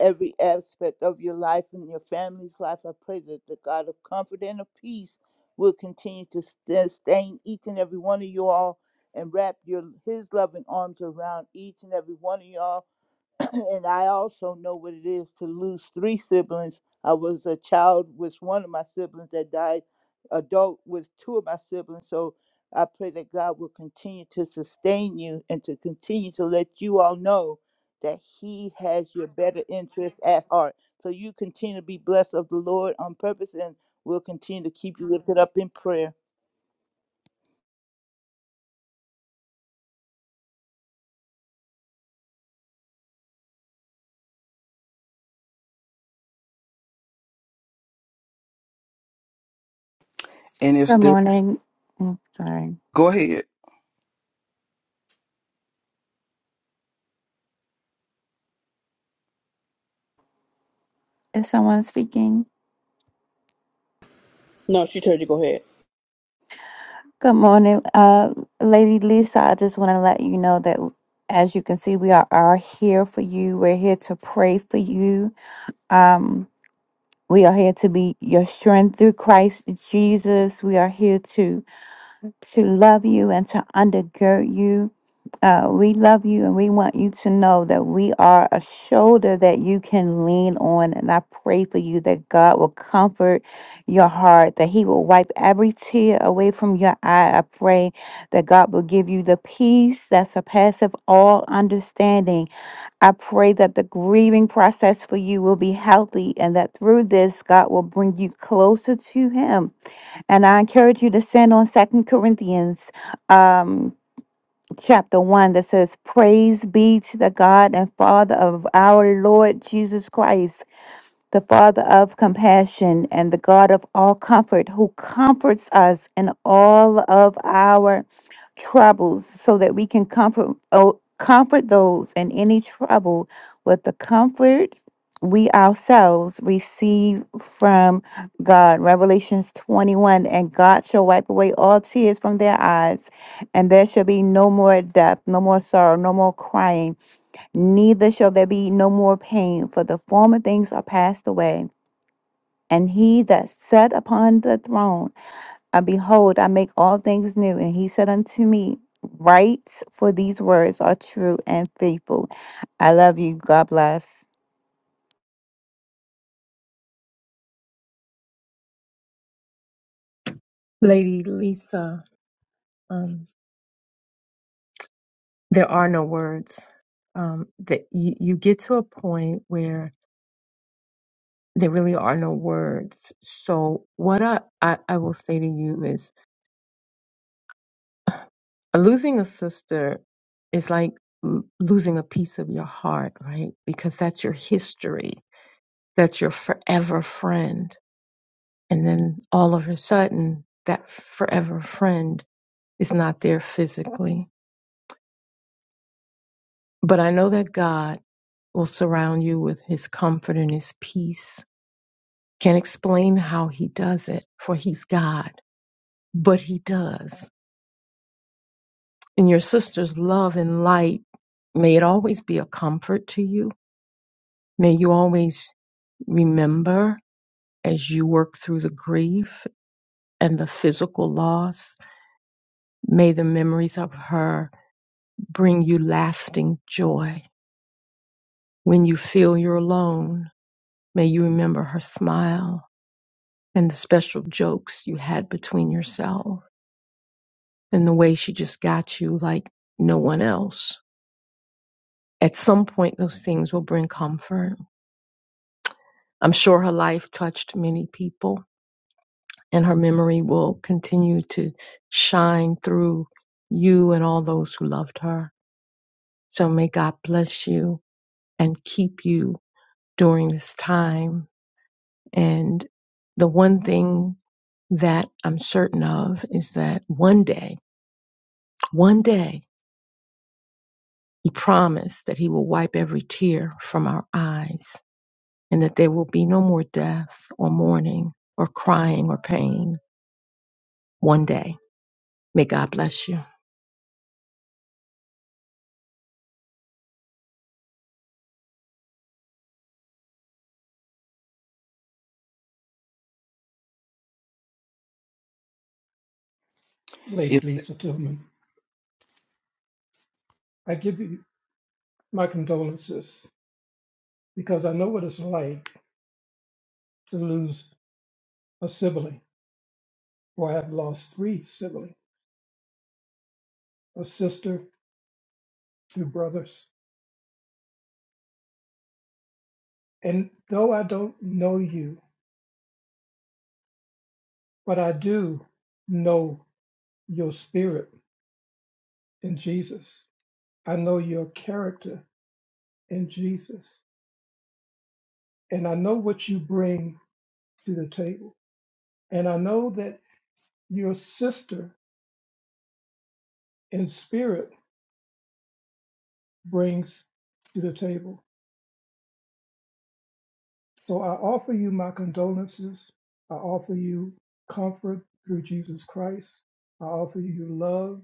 Speaker 4: every aspect of your life and your family's life. I pray that the God of comfort and of peace will continue to sustain each and every one of you all and wrap your his loving arms around each and every one of y'all and I also know what it is to lose three siblings. I was a child with one of my siblings that died, adult with two of my siblings. So I pray that God will continue to sustain you and to continue to let you all know that He has your better interest at heart. So you continue to be blessed of the Lord on purpose, and we'll continue to keep you lifted up in prayer.
Speaker 15: And if there, go ahead.
Speaker 14: Is someone speaking?
Speaker 5: No, she told you go ahead.
Speaker 14: Good morning. Uh, Lady Lisa, I just want to let you know that as you can see, we are, are here for you. We're here to pray for you. Um. We are here to be your strength through Christ Jesus. We are here to to love you and to undergird you. Uh, we love you and we want you to know that we are a shoulder that you can lean on. And I pray for you that God will comfort your heart, that He will wipe every tear away from your eye. I pray that God will give you the peace that surpasses all understanding I pray that the grieving process for you will be healthy and that through this, God will bring you closer to Him. And I encourage you to send on Second Corinthians um, chapter 1 that says, Praise be to the God and Father of our Lord Jesus Christ the Father of compassion and the God of all comfort, who comforts us in all of our troubles, so that we can comfort oh, comfort those in any trouble with the comfort we ourselves receive from God. Revelations 21 And God shall wipe away all tears from their eyes, and there shall be no more death, no more sorrow, no more crying neither shall there be no more pain, for the former things are passed away. And he that sat upon the throne, and behold, I make all things new. And he said unto me, Write, for these words are true and faithful. I love you. God bless.
Speaker 17: Lady Lisa, um, there are no words. Um, that you, you get to a point where there really are no words. So what I, I, I will say to you is losing a sister is like l- losing a piece of your heart, right? Because that's your history. That's your forever friend. And then all of a sudden, that forever friend is not there physically. But I know that God will surround you with his comfort and his peace. Can't explain how he does it, for he's God, but he does. And your sister's love and light, may it always be a comfort to you. May you always remember as you work through the grief and the physical loss, may the memories of her bring you lasting joy. When you feel you're alone, may you remember her smile and the special jokes you had between yourselves and the way she just got you like no one else. At some point, those things will bring comfort. I'm sure her life touched many people, and her memory will continue to shine through you and all those who loved her. So may God bless you and keep you during this time. And the one thing that I'm certain of is that one day, one day, he promised that he will wipe every tear from our eyes. and that there will be no more death or mourning or crying or pain one day. May God bless you.
Speaker 3: Lady Lisa Tillman, I give you my condolences because I know what it's like to lose a sibling, or I have lost three siblings, a sister, two brothers. And though I don't know you, but I do know your spirit in Jesus. I know your character in Jesus. and I know what you bring to the table. And I know that your sister in spirit brings to the table. So I offer you my condolences. I offer you comfort through Jesus Christ. I offer you love,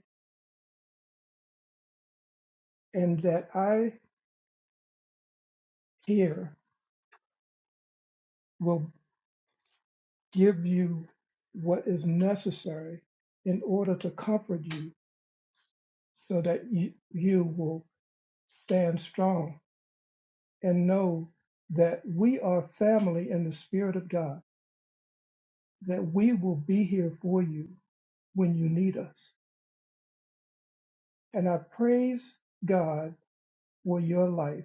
Speaker 3: and that I here will give you what is necessary in order to comfort you so that you, you will stand strong and know that we are family in the Spirit of God, that we will be here for you when you need us. And I praise God for your life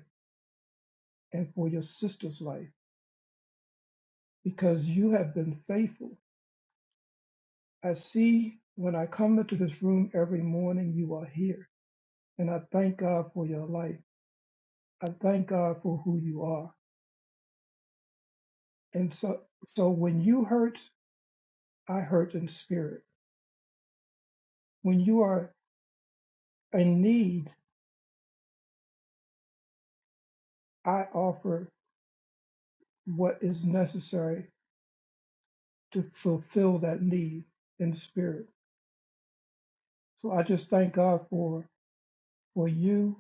Speaker 3: and for your sister's life because you have been faithful. I see when I come into this room every morning, you are here. And I thank God for your life. I thank God for who you are. And so, so when you hurt, I hurt in spirit. When you are in need, I offer what is necessary to fulfill that need in the spirit. So I just thank God for for you,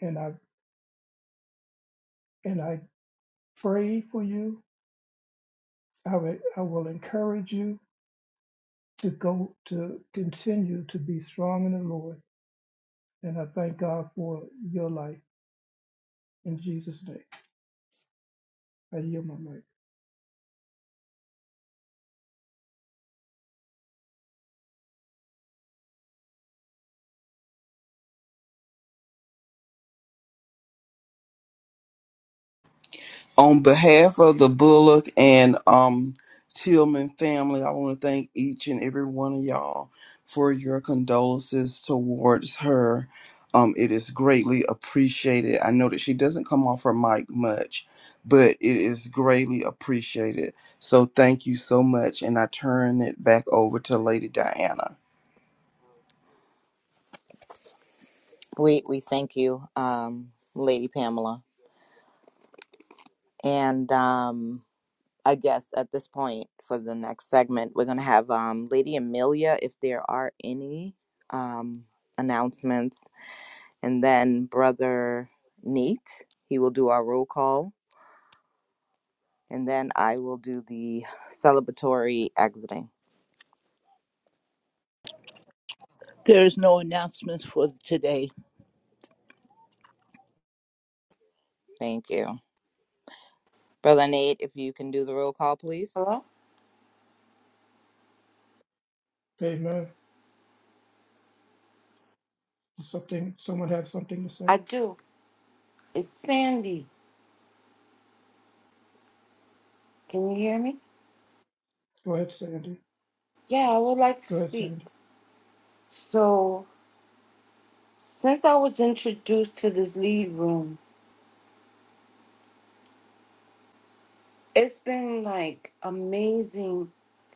Speaker 3: and I and I pray for you. I will I will encourage you to go to continue to be strong in the Lord, and I thank God for your life in Jesus' name. I yield my mic.
Speaker 15: on behalf of the Bullock and um, Tillman family, I want to thank each and every one of y'all for your condolences towards her. Um, it is greatly appreciated. I know that she doesn't come off her mic much, but it is greatly appreciated. So thank you so much. And I turn it back over to Lady Diana.
Speaker 12: We we thank you, um, Lady Pamela, and um, I guess at this point for the next segment, we're gonna have um, Lady Amelia, if there are any um, announcements, and then Brother Neat. He will do our roll call, and then I will do the celebratory exiting.
Speaker 4: There is no announcements for today.
Speaker 12: Thank you, Brother Nate. If you can do the roll call, please.
Speaker 18: Hello?
Speaker 3: Amen. Something someone have something to say?
Speaker 18: I do. It's Sandy. Can you hear me?
Speaker 3: Go ahead, Sandy.
Speaker 18: Yeah, I would like to
Speaker 3: Go ahead,
Speaker 18: speak.
Speaker 3: Sandy.
Speaker 18: So, since I was introduced to this lead room, it's been like amazing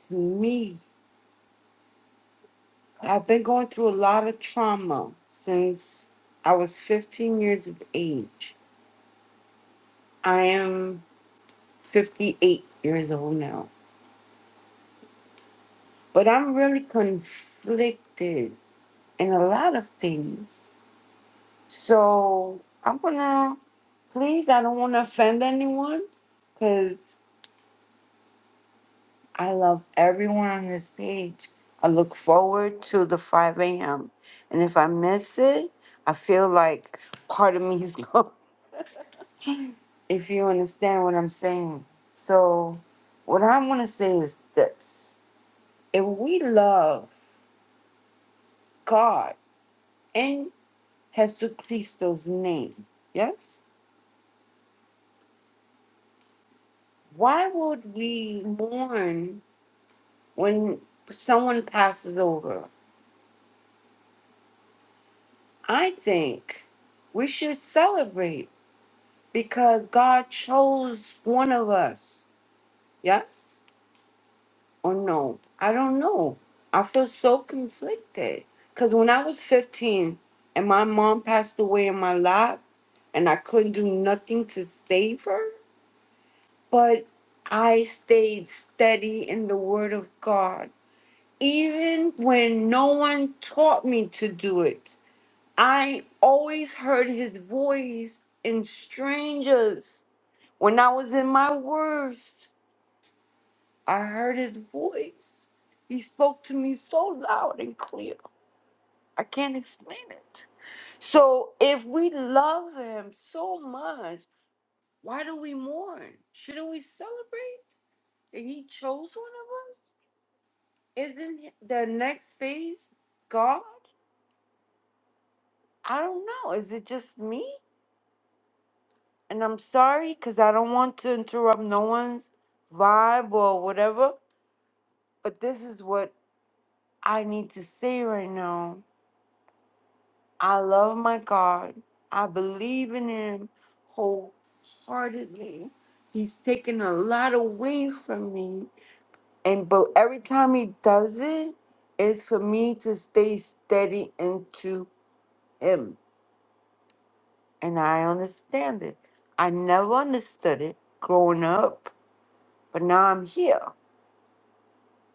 Speaker 18: to me. I've been going through a lot of trauma since I was 15 years of age. I am 58 years old now, but I'm really conflicted in a lot of things. So I'm gonna, please, I don't wanna offend anyone because I love everyone on this page. I look forward to the 5 a.m. And if I miss it, I feel like part of me is gone, if you understand what I'm saying. So, what I wanna say is this if we love God in Jesus Christo's name, yes, why would we mourn? when someone passes over, I think we should celebrate because God chose one of us. Yes or no? I don't know. I feel so conflicted because when I was 15 and my mom passed away in my lap and I couldn't do nothing to save her, but I stayed steady in the Word of God. Even when no one taught me to do it, I always heard his voice in strangers. When I was in my worst, I heard his voice. He spoke to me so loud and clear. I can't explain it. So if we love him so much, why do we mourn? Shouldn't we celebrate that he chose one of us? Isn't the next phase God? I don't know. Is it just me? and I'm sorry because I don't want to interrupt no one's vibe or whatever, but this is what I need to say right now. I love my God. I believe in Him wholeheartedly. He's taken a lot away from me, and but every time He does it, it's for me to stay steady into Him, and I understand it. I never understood it growing up, but now I'm here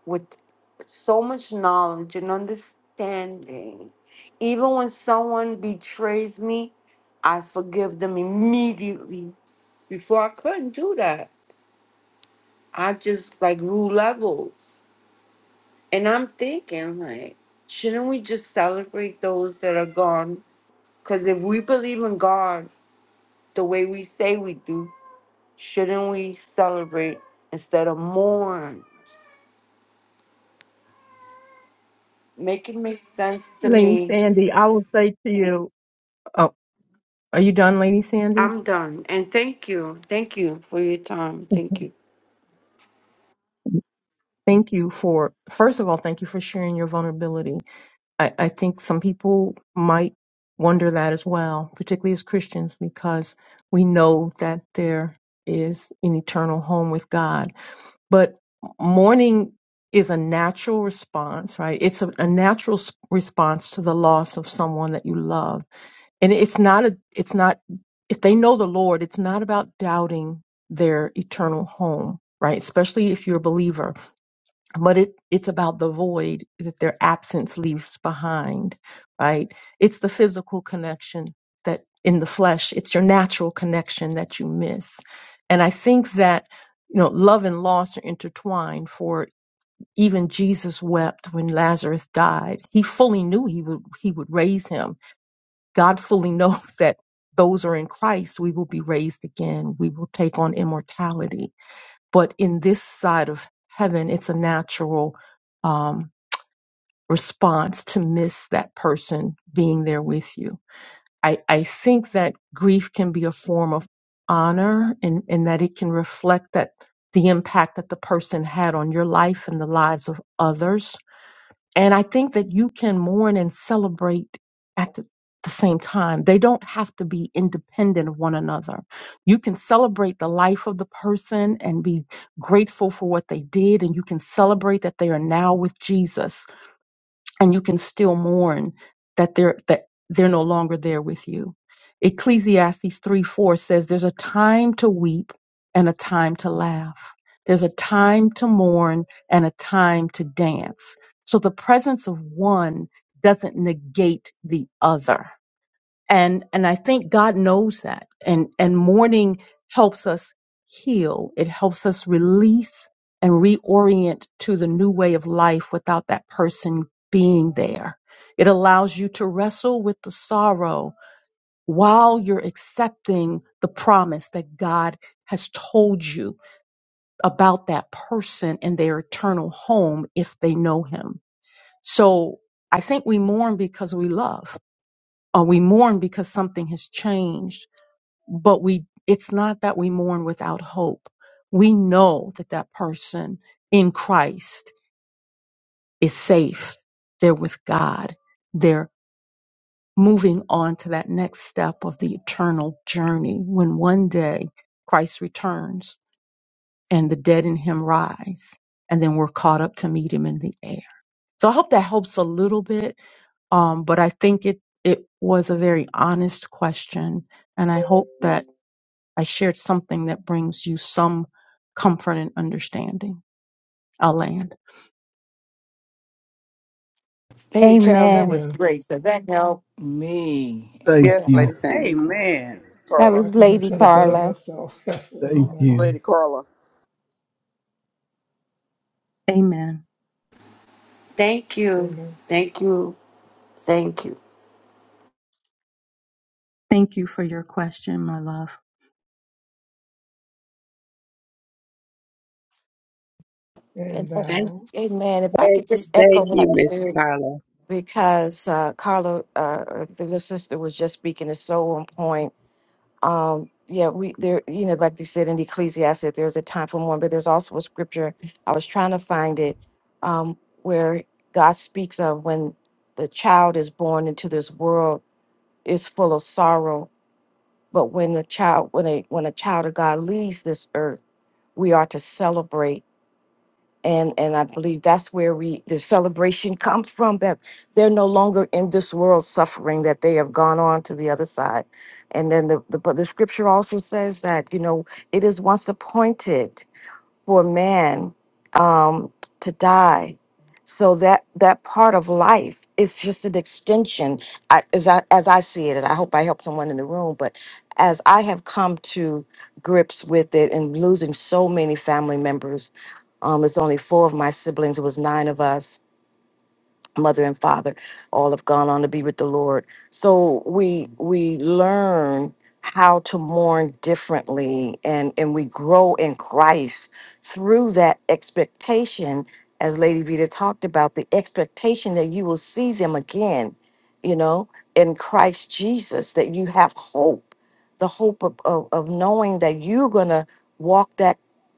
Speaker 18: with so much knowledge and understanding. Even when someone betrays me, I forgive them immediately. Before I couldn't do that. I just like rule levels. And I'm thinking like, shouldn't we just celebrate those that are gone? Cause if we believe in God the way we say we do, shouldn't we celebrate instead of mourn? Make it make sense to
Speaker 17: Lady
Speaker 18: me
Speaker 17: Sandy, I will say to you, oh, are you done, Lady Sandy?
Speaker 18: I'm done. And thank you. Thank you for your time. Thank you.
Speaker 17: Thank you for, first of all, thank you for sharing your vulnerability. I, I think some people might wonder that as well, particularly as Christians, because we know that there is an eternal home with God. but mourning is a natural response, right? It's a, a natural s- response to the loss of someone that you love. And it's not a, it's not, if they know the Lord, it's not about doubting their eternal home, right? Especially if you're a believer but it, it's about the void that their absence leaves behind, right? It's the physical connection that in the flesh, it's your natural connection that you miss. And I think that, you know, love and loss are intertwined for even Jesus wept when Lazarus died. He fully knew he would, he would raise him. God fully knows that those who are in Christ, we will be raised again. We will take on immortality but in this side of heaven it's a natural um, response to miss that person being there with you I, I think that grief can be a form of honor and, and that it can reflect that the impact that the person had on your life and the lives of others and I think that you can mourn and celebrate at the, the same time. They don't have to be independent of one another. You can celebrate the life of the person and be grateful for what they did, and you can celebrate that they are now with Jesus and you can still mourn that they're that they're no longer there with you. Ecclesiastes 3 4 says there's a time to weep and a time to laugh. There's a time to mourn and a time to dance. So the presence of one doesn't negate the other and and i think god knows that and and mourning helps us heal it helps us release and reorient to the new way of life without that person being there it allows you to wrestle with the sorrow while you're accepting the promise that god has told you about that person and their eternal home if they know him so i think we mourn because we love or we mourn because something has changed but we it's not that we mourn without hope we know that that person in christ is safe they're with god they're moving on to that next step of the eternal journey when one day christ returns and the dead in him rise and then we're caught up to meet him in the air so i hope that helps a little bit um, but i think it it was a very honest question and i hope that I shared something that brings you some comfort and understanding. I'll land.
Speaker 8: Lady Carol, that
Speaker 14: Amen.
Speaker 8: was
Speaker 3: Amen.
Speaker 8: great. So that helped me.
Speaker 16: Thank
Speaker 8: That
Speaker 5: Yes,
Speaker 16: you.
Speaker 5: Lady
Speaker 8: helped
Speaker 5: Sandy.
Speaker 11: Hey,
Speaker 8: me.
Speaker 11: man!
Speaker 14: That
Speaker 5: Carla.
Speaker 3: I
Speaker 14: was
Speaker 3: couldn't have
Speaker 14: Lady
Speaker 3: said it better
Speaker 14: Carla.
Speaker 3: myself.
Speaker 16: Thank
Speaker 3: Amen.
Speaker 5: Lady
Speaker 16: you.
Speaker 5: Carla.
Speaker 17: Amen.
Speaker 18: Thank you.
Speaker 3: Amen.
Speaker 18: Thank you. Thank you.
Speaker 17: Thank you for your question, my love.
Speaker 3: And
Speaker 10: Yes.
Speaker 13: Thank,
Speaker 3: now.
Speaker 10: Amen. If I could just
Speaker 13: thank
Speaker 10: echo
Speaker 13: you,
Speaker 10: that
Speaker 13: Miss
Speaker 10: too.
Speaker 13: Carla.
Speaker 10: because uh, Carla, uh, the little sister, was just speaking. is so on point. Um, yeah, we there. You know, like you said in Ecclesiastes, there's a time for mourning, but there's also a scripture. I was trying to find it um, where God speaks of when the child is born into this world is full of sorrow, but when the child, when a when a child of God leaves this earth, we are to celebrate and and i believe that's where we the celebration comes from that they're no longer in this world suffering that they have gone on to the other side and then the, the but the scripture also says that you know it is once appointed for man um, to die. So that that part of life is just an extension, I, as I as I see it, and I hope I help someone in the room. But as I have come to grips with it, and losing so many family members, um, it's only four of my siblings. It was nine of us mother and father all have gone on to be with the lord so we we learn how to mourn differently and and we grow in christ through that expectation as lady vita talked about the expectation that you will see them again you know in christ jesus that you have hope the hope of of, of knowing that you're gonna walk that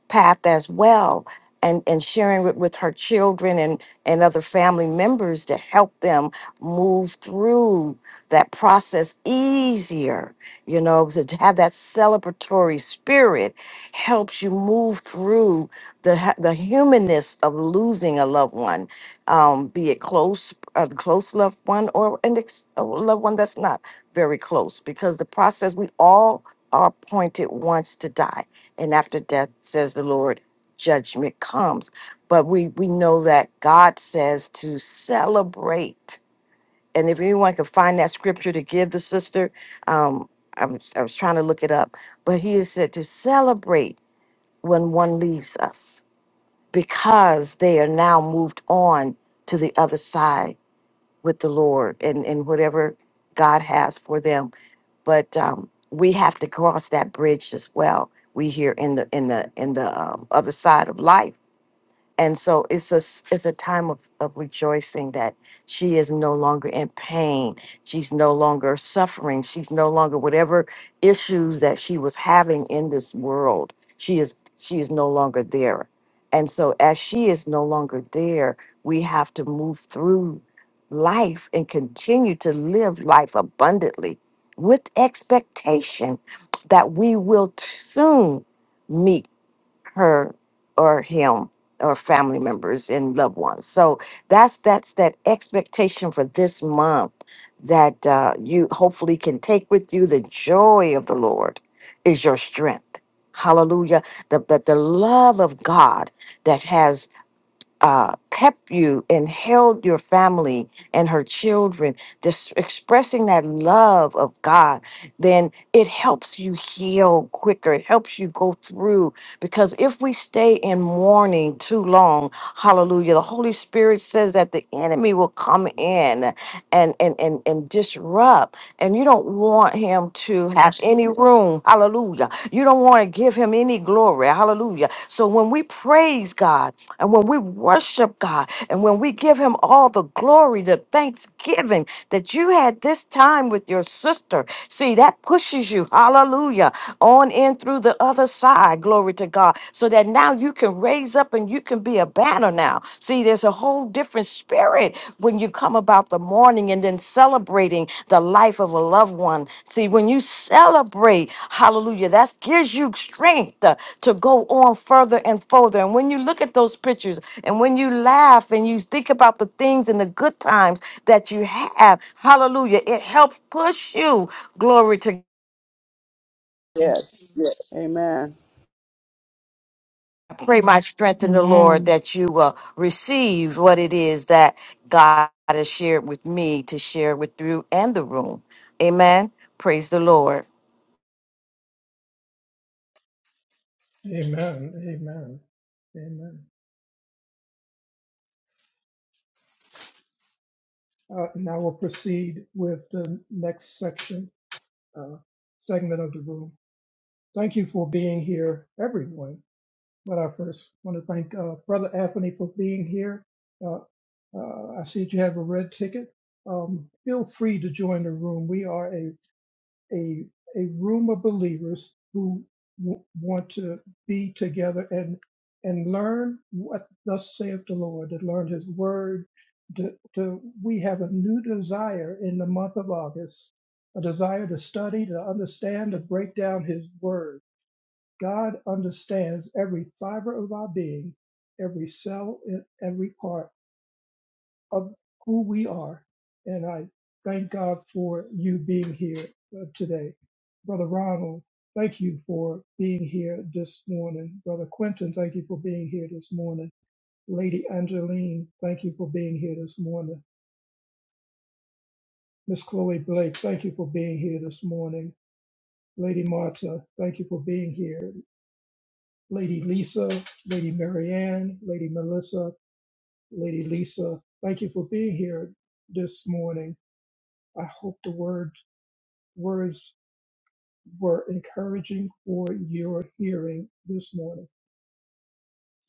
Speaker 10: path as well and, and sharing it with her children and, and other family members to help them move through that process easier. You know, to have that celebratory spirit helps you move through the ha- the humanness of losing a loved one, um, be it close a close loved one or an ex- a loved one that's not very close, because the process we all are appointed once to die, and after death, says the Lord judgment comes. But we, we know that God says to celebrate. And if anyone can find that scripture to give the sister, um, I, was, I was trying to look it up, but he is said to celebrate when one leaves us because they are now moved on to the other side with the Lord and, and whatever God has for them. But um, we have to cross that bridge as well. We here in the in the in the um, other side of life and so it's a s- it's a time of, of rejoicing that she is no longer in pain she's no longer suffering she's no longer whatever issues that she was having in this world she is she is no longer there and so as she is no longer there we have to move through life and continue to live life abundantly with expectation that we will t- soon her or him or family members and loved ones. So that's that's that expectation for this month that uh, you hopefully can take with you. The joy of the Lord is your strength. Hallelujah. The, the, the love of God that has uh, kept you and held your family and her children, just expressing that love of God, then it helps you heal quicker. It helps you go through because if we stay in mourning too long, hallelujah, the Holy Spirit says that the enemy will come in and and and, and disrupt. And you don't want him to have Yes. any room. Hallelujah. You don't want to give him any glory. Hallelujah. So when we praise God and when we worship God and when we give him all the glory, the thanksgiving that you had this time with your sister, see that pushes pushes you, hallelujah, on in through the other side, glory to God, so that now you can raise up and you can be a banner now. See, there's a whole different spirit when you come about the morning and then celebrating the life of a loved one. See, when you celebrate, hallelujah, that gives you strength uh, to go on further and further. And when you look at those pictures and when you laugh and you think about the things and the good times that you have, hallelujah, it helps push you, glory to
Speaker 5: Yes. Yes. Amen.
Speaker 10: pray my strength in the Lord
Speaker 14: Amen.
Speaker 10: that you will receive what it is that God has shared with me to share with you and the room. Amen. Praise the Lord.
Speaker 3: Amen. Amen. Amen. Uh, now we'll proceed with the next section, uh, segment of the room. Thank you for being here, everyone. But I first want to thank uh, Brother Anthony for being here. Uh, uh, I see that you have a red ticket. Um, feel free to join the room. We are a a a room of believers who w- want to be together and and learn what thus saith the Lord, to learn His word. To, to, we have a new desire in the month of August, a desire to study, to understand, to break down His word. God understands every fiber of our being, every cell, e, every part of who we are. And I thank God for you being here uh, today. Brother Ronald, thank you for being here this morning. Brother Quentin, thank you for being here this morning. Lady Angeline, thank you for being here this morning. Miss Chloe Blake, thank you for being here this morning. Lady Marta, thank you for being here. Lady Lisa, Lady Marianne, Lady Melissa, Lady Lisa, thank you for being here this morning. I hope the word words were encouraging for your hearing this morning.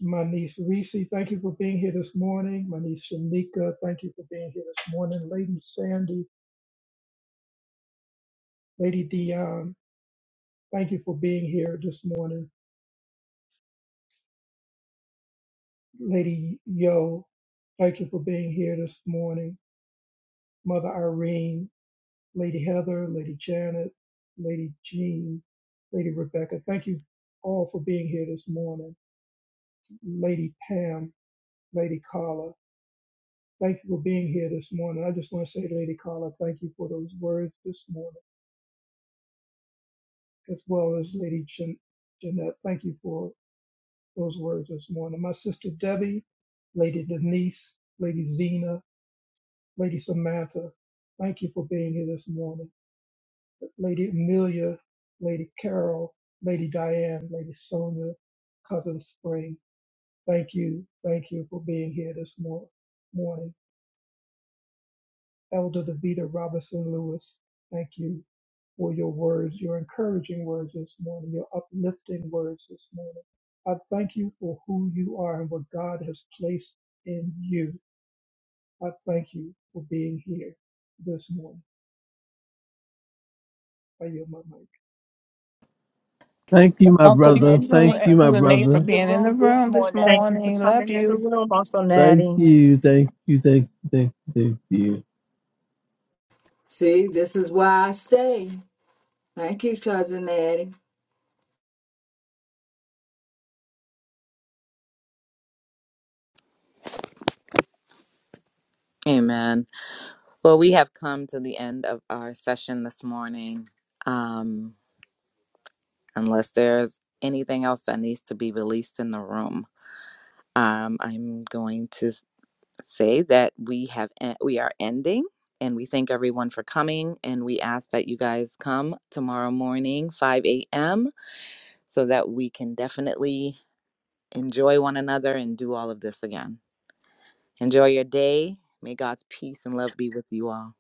Speaker 3: My niece Reese, thank you for being here this morning. My niece Shanika, thank you for being here this morning. Lady Sandy, Lady Dion, thank you for being here this morning. Lady Yo, thank you for being here this morning. Mother Irene, Lady Heather, Lady Janet, Lady Jean, Lady Rebecca, thank you all for being here this morning. Lady Pam, Lady Carla, Thank you for being here this morning. I just want to say, Lady Carla, thank you for those words this morning, as well as Lady Jean- Jeanette. Thank you for those words this morning. My sister Debbie, Lady Denise, Lady Zena, Lady Samantha, thank you for being here this morning. Lady Amelia, Lady Carol, Lady Diane, Lady Sonia, Cousin Spring, thank you, thank you for being here this mor- morning. Elder Davita Robinson Lewis, thank you for your words, your encouraging words this morning, your uplifting words this morning. I thank you for who you are and what God has placed in you. I thank you for being here this morning. I yield my mic.
Speaker 16: Thank you, my
Speaker 4: Uncle
Speaker 2: Thank
Speaker 16: brother.
Speaker 4: Nettie,
Speaker 2: you,
Speaker 16: Thank
Speaker 4: thank
Speaker 16: you,
Speaker 4: you
Speaker 16: my
Speaker 4: for
Speaker 2: Renee,
Speaker 4: being
Speaker 16: brother.
Speaker 2: for
Speaker 4: in the
Speaker 2: being in the
Speaker 4: room this
Speaker 2: room this
Speaker 4: morning.
Speaker 17: Thank you for
Speaker 2: morning.
Speaker 17: coming
Speaker 2: Love
Speaker 17: in the
Speaker 2: you.
Speaker 17: room, Uncle
Speaker 16: Thank
Speaker 17: Natty.
Speaker 16: you, thank you, thank you, thank you, thank you.
Speaker 8: See, this is why I stay. Thank you, cousin Addie.
Speaker 12: Amen. Well, we have come to the end of our session this morning. Um, unless there's anything else that needs to be released in the room. Um, I'm going to s- say that we have en- we are ending, and we thank everyone for coming, and we ask that you guys come tomorrow morning, 5 a.m., so that we can definitely enjoy one another and do all of this again. Enjoy your day. May God's peace and love be with you all.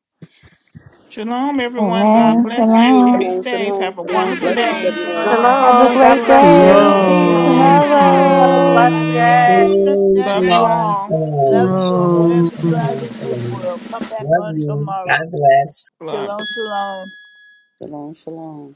Speaker 2: Shalom, everyone. God
Speaker 5: Amen.
Speaker 14: Amen.
Speaker 2: bless you. Be
Speaker 5: Shalom,
Speaker 14: Shalom.
Speaker 2: safe.
Speaker 5: shalom,
Speaker 2: Have a
Speaker 5: shalom.
Speaker 2: wonderful
Speaker 5: Blessings,
Speaker 4: Shalom,
Speaker 2: day.
Speaker 5: everyone.
Speaker 4: shalom.
Speaker 14: Have a
Speaker 4: Love you
Speaker 14: great
Speaker 4: all.
Speaker 3: Shalom,
Speaker 14: day.
Speaker 2: Shalom,
Speaker 11: Salong,
Speaker 14: See you
Speaker 3: shalom.
Speaker 4: Come
Speaker 2: shalom,
Speaker 11: salong.
Speaker 4: back
Speaker 16: No,
Speaker 2: shalom.
Speaker 4: tomorrow,
Speaker 14: tomorrow.
Speaker 4: 5
Speaker 16: no,
Speaker 4: a.m. Eastern
Speaker 13: Shalom,
Speaker 2: Love
Speaker 4: Standard
Speaker 2: you
Speaker 13: shalom,
Speaker 4: Time.
Speaker 2: all.
Speaker 4: Love
Speaker 13: shalom,
Speaker 4: you or
Speaker 13: shalom,
Speaker 4: wherever you
Speaker 16: no.
Speaker 4: are
Speaker 13: shalom,
Speaker 4: in this
Speaker 13: shalom.
Speaker 4: world. Come back
Speaker 13: Love
Speaker 4: on
Speaker 13: you. God
Speaker 4: tomorrow.
Speaker 13: bless.
Speaker 2: Blood.
Speaker 4: Shalom, shalom.
Speaker 5: Shalom, shalom.